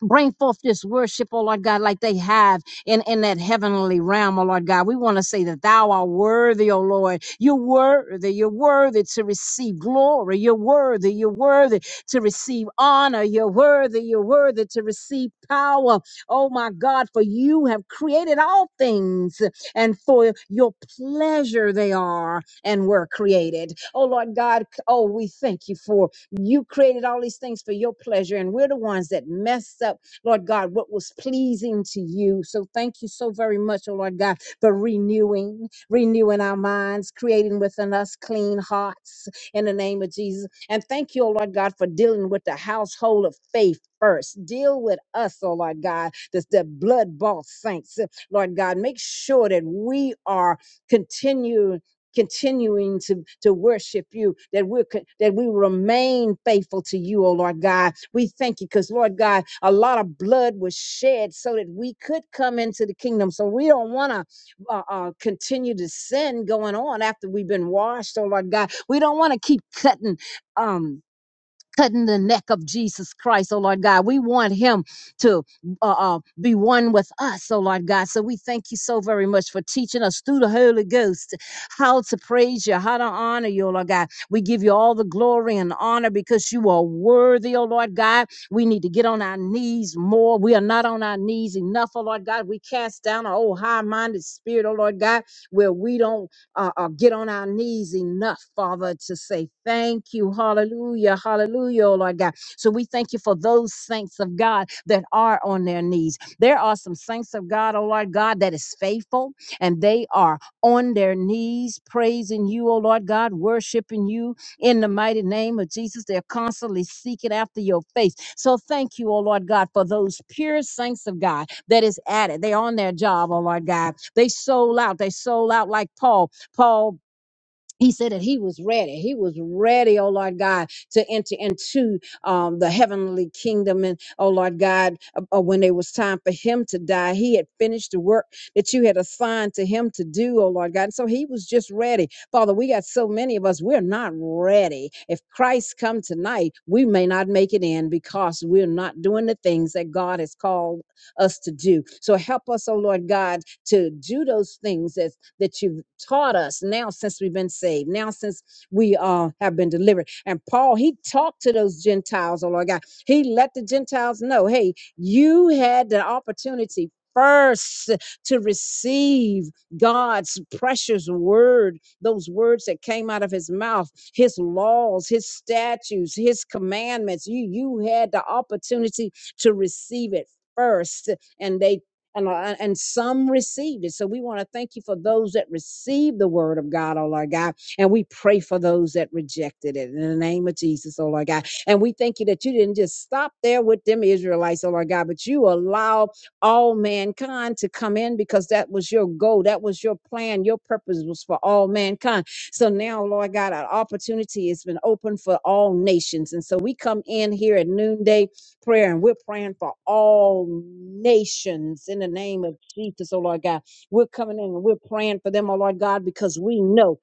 Bring forth this worship, oh Lord God, like they have in, in that heavenly realm, oh Lord God. We want to say that thou art worthy, oh Lord. You're worthy. You're worthy to receive glory. You're worthy. You're worthy to receive honor. You're worthy. You're worthy to receive power. Oh my God, for you have created all things and for your pleasure they are and were created. Oh Lord God, oh, we thank you for you created all these things for your pleasure, and we're the ones that mess up, Lord God, what was pleasing to you. So thank you so very much, oh Lord God, for renewing, renewing our minds, creating within us clean hearts in the name of Jesus. And thank you, oh Lord God, for dealing with the household of faith first. Deal with us, oh Lord God, the, the blood bought saints, Lord God. Make sure that we are continue continuing to, to worship you, that we that we remain faithful to you, oh Lord God. We thank you because Lord God, a lot of blood was shed so that we could come into the kingdom. So we don't want to uh, uh, continue to sin going on after we've been washed, oh Lord God. We don't want to keep cutting. Um, cutting the neck of Jesus Christ, oh Lord God. We want him to uh, uh, be one with us, oh Lord God. So we thank you so very much for teaching us through the Holy Ghost how to praise you, how to honor you, oh Lord God. We give you all the glory and honor because you are worthy, oh Lord God. We need to get on our knees more. We are not on our knees enough, oh Lord God. We cast down our old high minded spirit, oh Lord God, where we don't uh, uh, get on our knees enough, Father, to say thank you. Hallelujah. Hallelujah, oh Lord God. So we thank you for those saints of God that are on their knees. There are some saints of God, oh Lord God, that is faithful and they are on their knees praising you, oh Lord God, worshiping you in the mighty name of Jesus. They're constantly seeking after your face. So thank you, oh Lord God, for those pure saints of God that is at it. They're on their job, oh Lord God. They sold out. They sold out like Paul. Paul. He said that he was ready. He was ready, oh Lord God, to enter into um, the heavenly kingdom. And oh Lord God, uh, uh, when it was time for him to die, he had finished the work that you had assigned to him to do, oh Lord God. And so he was just ready. Father, we got so many of us, we're not ready. If Christ come tonight, we may not make it in because we're not doing the things that God has called us to do. So help us, oh Lord God, to do those things that's that you've taught us now since we've been saved, now since we uh, have been delivered. And Paul, he talked to those Gentiles, oh Lord God. He let the Gentiles know, hey, you had the opportunity first to receive God's precious word, those words that came out of his mouth, his laws, his statutes, his commandments. You you had the opportunity to receive it first and they and uh, and some received it. So we want to thank you for those that received the word of God, oh Lord God, and we pray for those that rejected it in the name of Jesus, oh Lord God. And we thank you that you didn't just stop there with them Israelites, oh Lord God, but you allowed all mankind to come in because that was your goal, that was your plan, your purpose was for all mankind. So now, Lord God, our opportunity has been open for all nations, and so we come in here at noonday prayer. And we're praying for all nations in the name of Jesus, oh Lord God. We're coming in and we're praying for them, oh Lord God, because we know.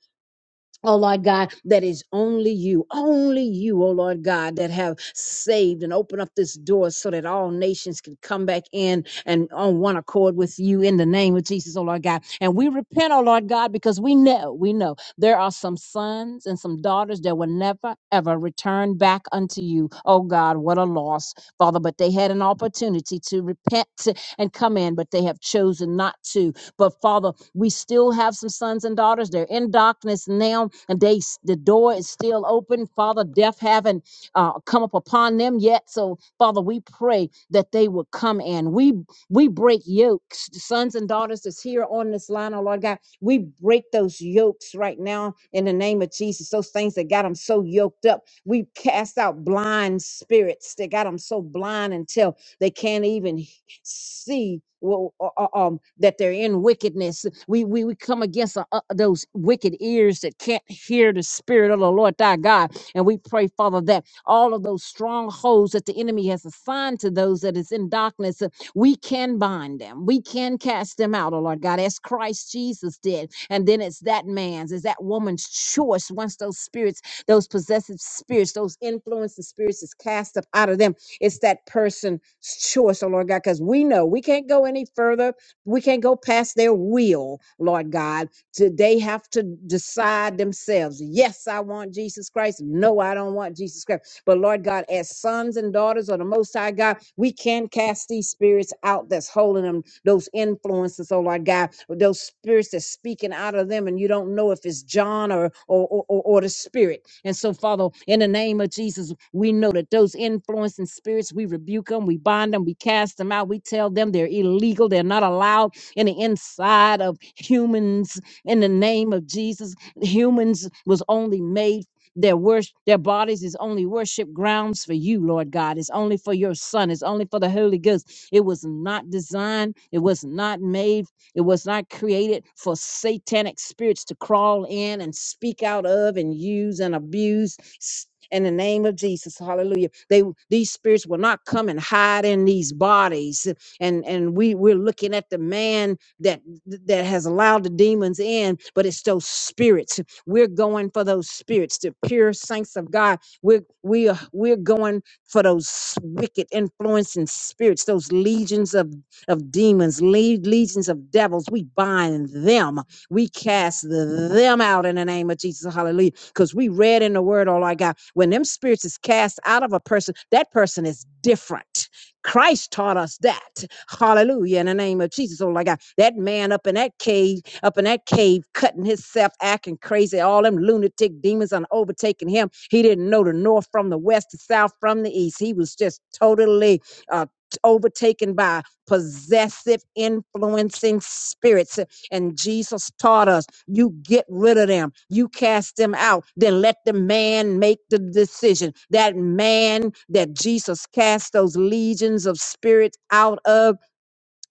Oh Lord God, that is only you, only you, oh Lord God, that have saved and opened up this door so that all nations can come back in and on one accord with you in the name of Jesus, oh Lord God. And we repent, oh Lord God, because we know, we know there are some sons and some daughters that will never ever return back unto you. Oh God, what a loss, Father. But they had an opportunity to repent and come in, but they have chosen not to. But Father, we still have some sons and daughters. They're in darkness now, and they the door is still open. Father, death haven't uh, come up upon them yet. So Father, we pray that they will come in. We we break yokes, sons and daughters that's here on this line, oh Lord God. We break those yokes right now in the name of Jesus. Those things that got them so yoked up. We cast out blind spirits that got them so blind until they can't even hear see well, uh, uh, um, that they're in wickedness. We we, we come against uh, uh, those wicked ears that can't hear the spirit of the Lord thy God, and we pray, Father, that all of those strongholds that the enemy has assigned to those that is in darkness, uh, we can bind them, we can cast them out, oh Lord God, as Christ Jesus did. And then it's that man's, it's that woman's choice once those spirits, those possessive spirits, those influencing spirits is cast up out of them it's that person's choice, oh Lord God, because we know we can't go any further. We can't go past their will, Lord God. To they have to decide themselves. Yes, I want Jesus Christ. No, I don't want Jesus Christ. But Lord God, as sons and daughters of the Most High God, we can cast these spirits out that's holding them, those influences, oh Lord God, those spirits that's speaking out of them, and you don't know if it's John or or or, or the spirit. And so, Father, in the name of Jesus, we know that those influencing spirits, we rebuke them, we bind them, we cast them out, we tell them they're illegal, they're not allowed in the inside of humans. In the name of Jesus, humans was only made their worship, their bodies is only worship grounds for you, Lord God. It's only for your Son. It's only for the Holy Ghost. It was not designed. It was not made it was not created for satanic spirits to crawl in and speak out of and use and abuse. S- In the name of Jesus, hallelujah. They these spirits will not come and hide in these bodies. And and we, we're looking at the man that that has allowed the demons in, but it's those spirits. We're going for those spirits, the pure saints of God. We're we are we're going for those wicked influencing spirits, those legions of of demons, le- legions of devils. We bind them. We cast them out in the name of Jesus. Hallelujah. Because we read in the word, oh, my God, when them spirits is cast out of a person, that person is different. Christ taught us that. Hallelujah. In the name of Jesus. Oh my God. That man up in that cave, up in that cave, cutting himself, acting crazy. All them lunatic demons on overtaking him. He didn't know the north from the west, the south from the east. He was just totally uh overtaken by possessive, influencing spirits. And Jesus taught us you get rid of them, you cast them out, then let the man make the decision. That man that Jesus cast those legions of spirits out of.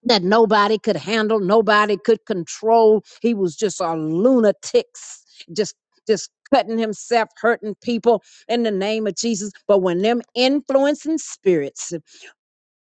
That nobody could handle, nobody could control. He was just a lunatic, just just cutting himself, hurting people in the name of Jesus. But when them influencing spirits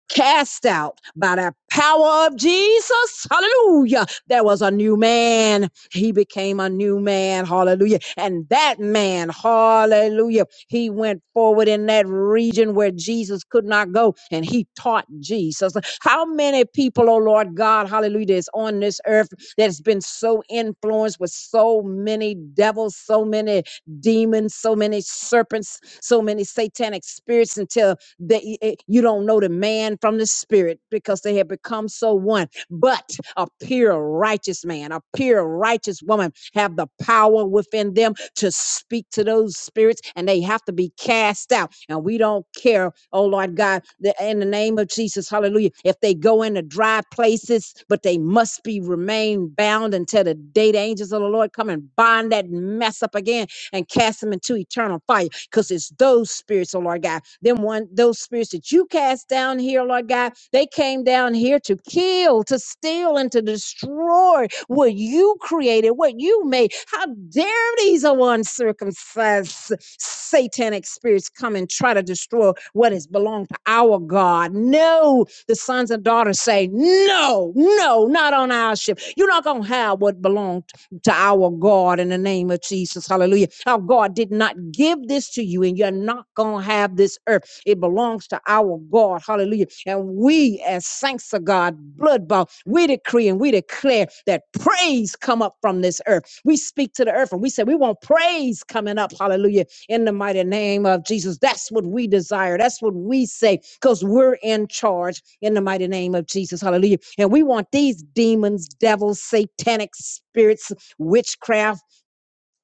cast out by the power of Jesus. Hallelujah. There was a new man. He became a new man. Hallelujah. And that man, hallelujah, he went forward in that region where Jesus could not go and he taught Jesus. How many people, oh Lord God, hallelujah, is on this earth that's been so influenced with so many devils, so many demons, so many serpents, so many satanic spirits until that eh, you don't know the man from the spirit because they have become so one. But a pure righteous man, a pure righteous woman have the power within them to speak to those spirits and they have to be cast out. And we don't care, oh Lord God, that in the name of Jesus, hallelujah, if they go into dry places, but they must be remain bound until the day the angels of the Lord come and bind that mess up again and cast them into eternal fire because it's those spirits, oh Lord God. Them one, those spirits that you cast down here, oh, Lord God, they came down here to kill, to steal, and to destroy what you created, what you made. How dare these oh, uncircumcised satanic spirits come and try to destroy what has belonged to our God? No, the sons and daughters say, No, no, not on our ship. You're not gonna have what belongs to our God in the name of Jesus. Hallelujah. Our God did not give this to you, and you're not going to have this earth. It belongs to our God. Hallelujah. And we, as saints of God, blood bought, we decree and we declare that praise come up from this earth. We speak to the earth and we say, We want praise coming up. Hallelujah. In the mighty name of Jesus. That's what we desire. That's what we say because we're in charge in the mighty name of Jesus. Hallelujah. And we want these demons, devils, satanic spirits witchcraft,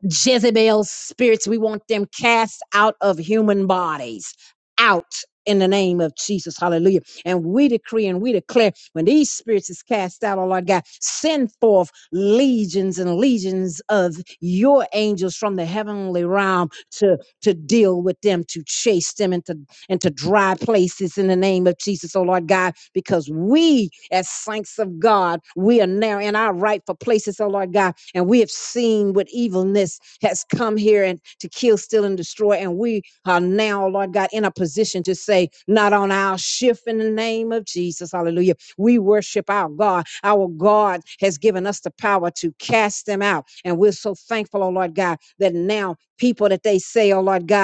Jezebel spirits. We want them cast out of human bodies. Out in the name of Jesus. Hallelujah. And we decree and we declare when these spirits is cast out, oh Lord God, send forth legions and legions of your angels from the heavenly realm to, to deal with them, to chase them into, into dry places in the name of Jesus, oh Lord God, because we as saints of God, we are now in our rightful places, oh Lord God and we have seen what evilness has come here and to kill, steal, and destroy. And we are now, Lord God, in a position to say, not on our shift in the name of Jesus. Hallelujah. We worship our God. Our God has given us the power to cast them out. And we're so thankful, oh Lord God, that now people that they say, oh Lord God,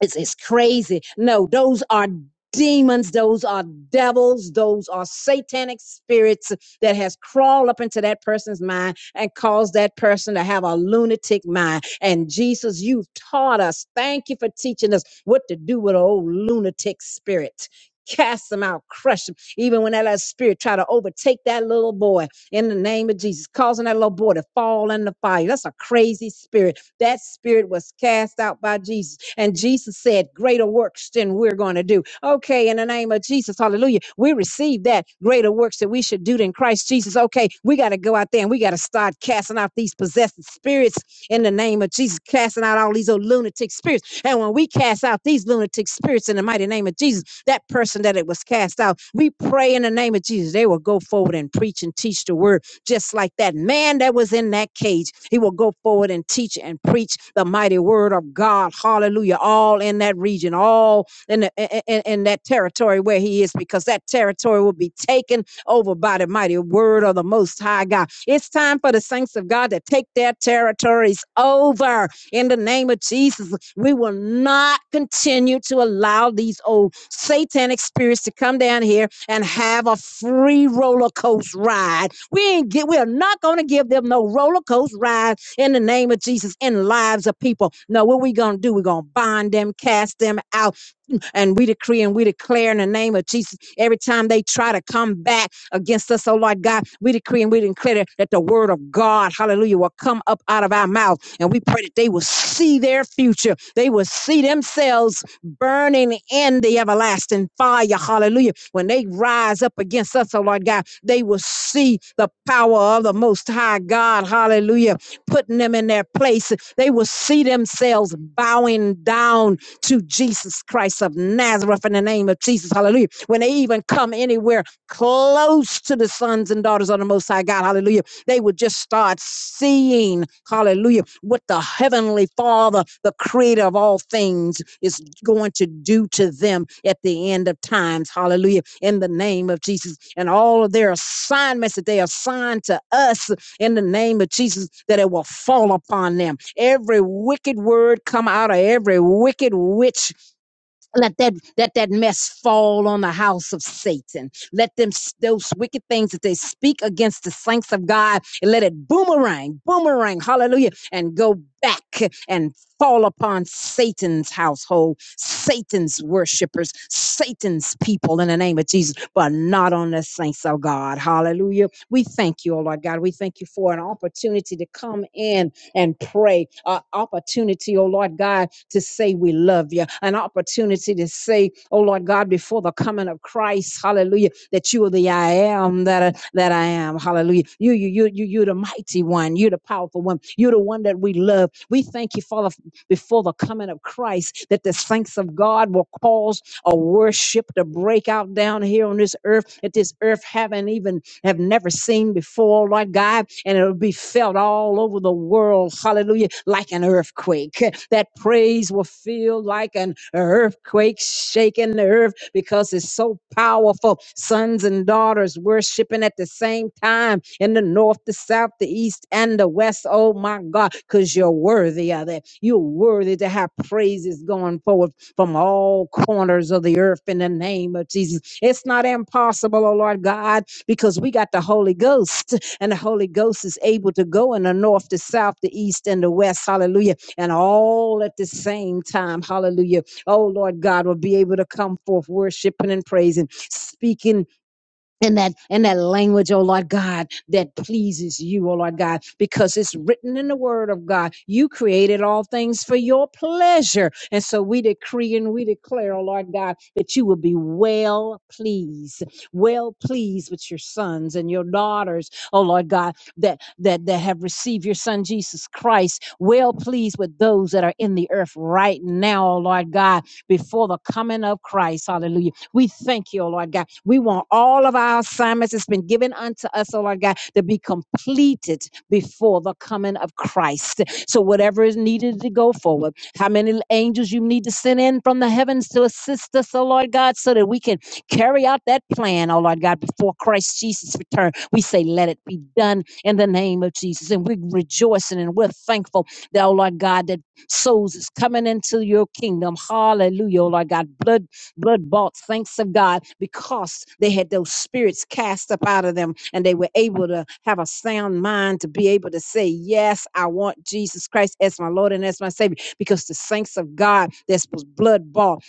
it's, it's crazy. No, those are demons. Those are devils. Those are satanic spirits that has crawled up into that person's mind and caused that person to have a lunatic mind. And Jesus, you've taught us. Thank you for teaching us what to do with an old lunatic spirit. Cast them out, crush them. Even when that little spirit try to overtake that little boy, in the name of Jesus, causing that little boy to fall in the fire. That's a crazy spirit that spirit was cast out by Jesus. And Jesus said, Greater works than we're going to do. Okay, in the name of Jesus, hallelujah. We receive that greater works that we should do than Christ Jesus. Okay, we got to go out there and we got to start casting out these possessed spirits in the name of Jesus, casting out all these old lunatic spirits. And when we cast out these lunatic spirits in the mighty name of Jesus, that person that it was cast out, we pray in the name of Jesus, they will go forward and preach and teach the word just like that man that was in that cage. He will go forward and teach and preach the mighty word of God. Hallelujah. All in that region, all in, the, in, in that territory where he is, because that territory will be taken over by the mighty word of the Most High God. It's time for the saints of God to take their territories over. In the name of Jesus, we will not continue to allow these old satanic spirits to come down here and have a free roller coaster ride. We ain't get, we are not going to give them no roller coaster ride in the name of Jesus in lives of people. No, what we going to do? We're going to bind them, cast them out and we decree and we declare in the name of Jesus every time they try to come back against us, oh Lord God, we decree and we declare that the word of God, hallelujah, will come up out of our mouth. And we pray that they will see their future. They will see themselves burning in the everlasting fire, hallelujah. When they rise up against us, oh Lord God, they will see the power of the Most High God, hallelujah, putting them in their place. They will see themselves bowing down to Jesus Christ of Nazareth in the name of Jesus. Hallelujah. When they even come anywhere close to the sons and daughters of the Most High God, hallelujah, they would just start seeing, hallelujah, what the Heavenly Father, the creator of all things, is going to do to them at the end of times, hallelujah, in the name of Jesus. And all of their assignments that they assign to us in the name of Jesus that it will fall upon them. Every wicked word come out of every wicked witch let that let that mess fall on the house of Satan. Let them s- those wicked things that they speak against the saints of God, and let it boomerang, boomerang, hallelujah, and go back and fall upon Satan's household, Satan's worshipers, Satan's people in the name of Jesus, but not on the saints of God. Hallelujah. We thank you, oh Lord God. We thank you for an opportunity to come in and pray. An opportunity, oh Lord God, to say we love you. An opportunity to say, oh Lord God, before the coming of Christ, hallelujah, that you are the I am that I, that I am. Hallelujah. You, you, you, you, you're the mighty one. You're the powerful one. You're the one that we love. We thank you, Father, before the coming of Christ, that the saints of God will cause a worship to break out down here on this earth, that this earth haven't even have never seen before, Lord God, and it'll be felt all over the world, hallelujah, like an earthquake. That praise will feel like an earthquake shaking the earth because it's so powerful. Sons and daughters worshiping at the same time in the north, the south, the east, and the west. Oh my God, because you're worthy of it. You're worthy to have praises going forward from all corners of the earth in the name of Jesus. It's not impossible, oh Lord God because we got the Holy Ghost, and the Holy Ghost is able to go in the north, the south, the east, and the west. Hallelujah. And all at the same time. Hallelujah. Oh, Lord God, will be able to come forth worshiping and praising, speaking in that in that language, oh Lord God, that pleases you, oh Lord God, because it's written in the Word of God. You created all things for your pleasure, and so we decree and we declare, oh Lord God, that you will be well pleased, well pleased with your sons and your daughters, oh Lord God, that that that have received your Son Jesus Christ. Well pleased with those that are in the earth right now, oh Lord God, before the coming of Christ. Hallelujah we thank you, O Lord God. We want all of our assignments that's been given unto us, O Lord God, to be completed before the coming of Christ. So whatever is needed to go forward, how many angels you need to send in from the heavens to assist us, O Lord God, so that we can carry out that plan, O Lord God, before Christ Jesus' return. We say, let it be done in the name of Jesus. And we're rejoicing and we're thankful that, oh Lord God, that souls is coming into your kingdom. Hallelujah, O Lord God. Blood blood bought saints of God because they had those spirits cast up out of them and they were able to have a sound mind to be able to say, Yes, I want Jesus Christ as my Lord and as my Savior because the saints of God that's was blood bought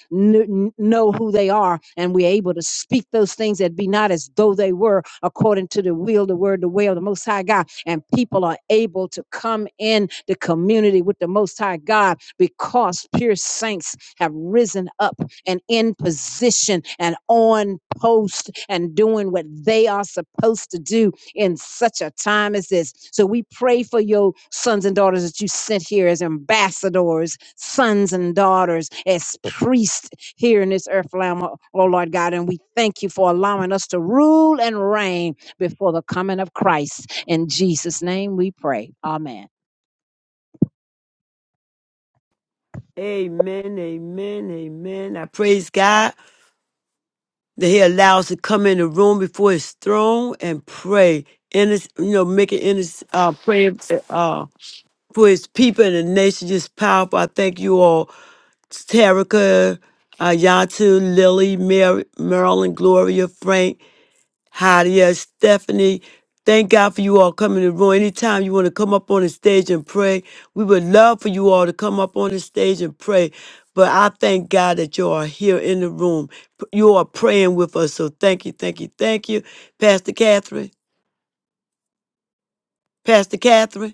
kn- know who they are and we're able to speak those things that be not as though they were according to the will, the word, the way of the Most High God. And people are able to come in the community with the Most High God because pure saints have risen up and in position and on post and doing what they are supposed to do in such a time as this. So we pray for your sons and daughters that you sent here as ambassadors, sons and daughters, as priests here in this earth, Lamb, oh oh Lord God. And we thank you for allowing us to rule and reign before the coming of Christ. In Jesus' name we pray. Amen.
Amen, amen, amen. I praise God that He allows to come in the room before His throne and pray. And it's, you know, making in His uh, prayer uh, for His people and the nation just powerful. I thank you all Terica, uh, Yatu, Lily, Mary, Marilyn, Gloria, Frank, Hadia, Stephanie. Thank God for you all coming to the room. Anytime you want to come up on the stage and pray, we would love for you all to come up on the stage and pray. But I thank God that you are here in the room. P- You are praying with us. So thank you, thank you, thank you. Pastor Catherine, Pastor Catherine.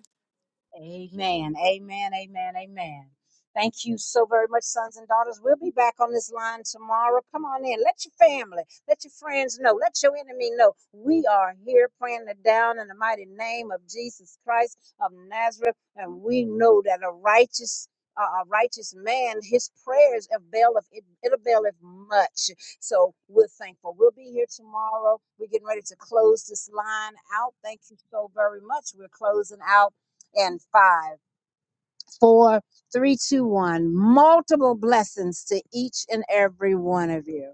Amen. Amen. Amen. Amen. Thank you so very much, sons and daughters. We'll be back on this line tomorrow. Come on in. Let your family, let your friends know, let your enemy know. We are here praying it down in the mighty name of Jesus Christ of Nazareth. And we know that a righteous uh, a righteous man, his prayers avail of it, it availeth much. So we're thankful. We'll be here tomorrow. We're getting ready to close this line out. Thank you so very much. We're closing out and five, four, three, two, one. Multiple blessings to each and every one of you.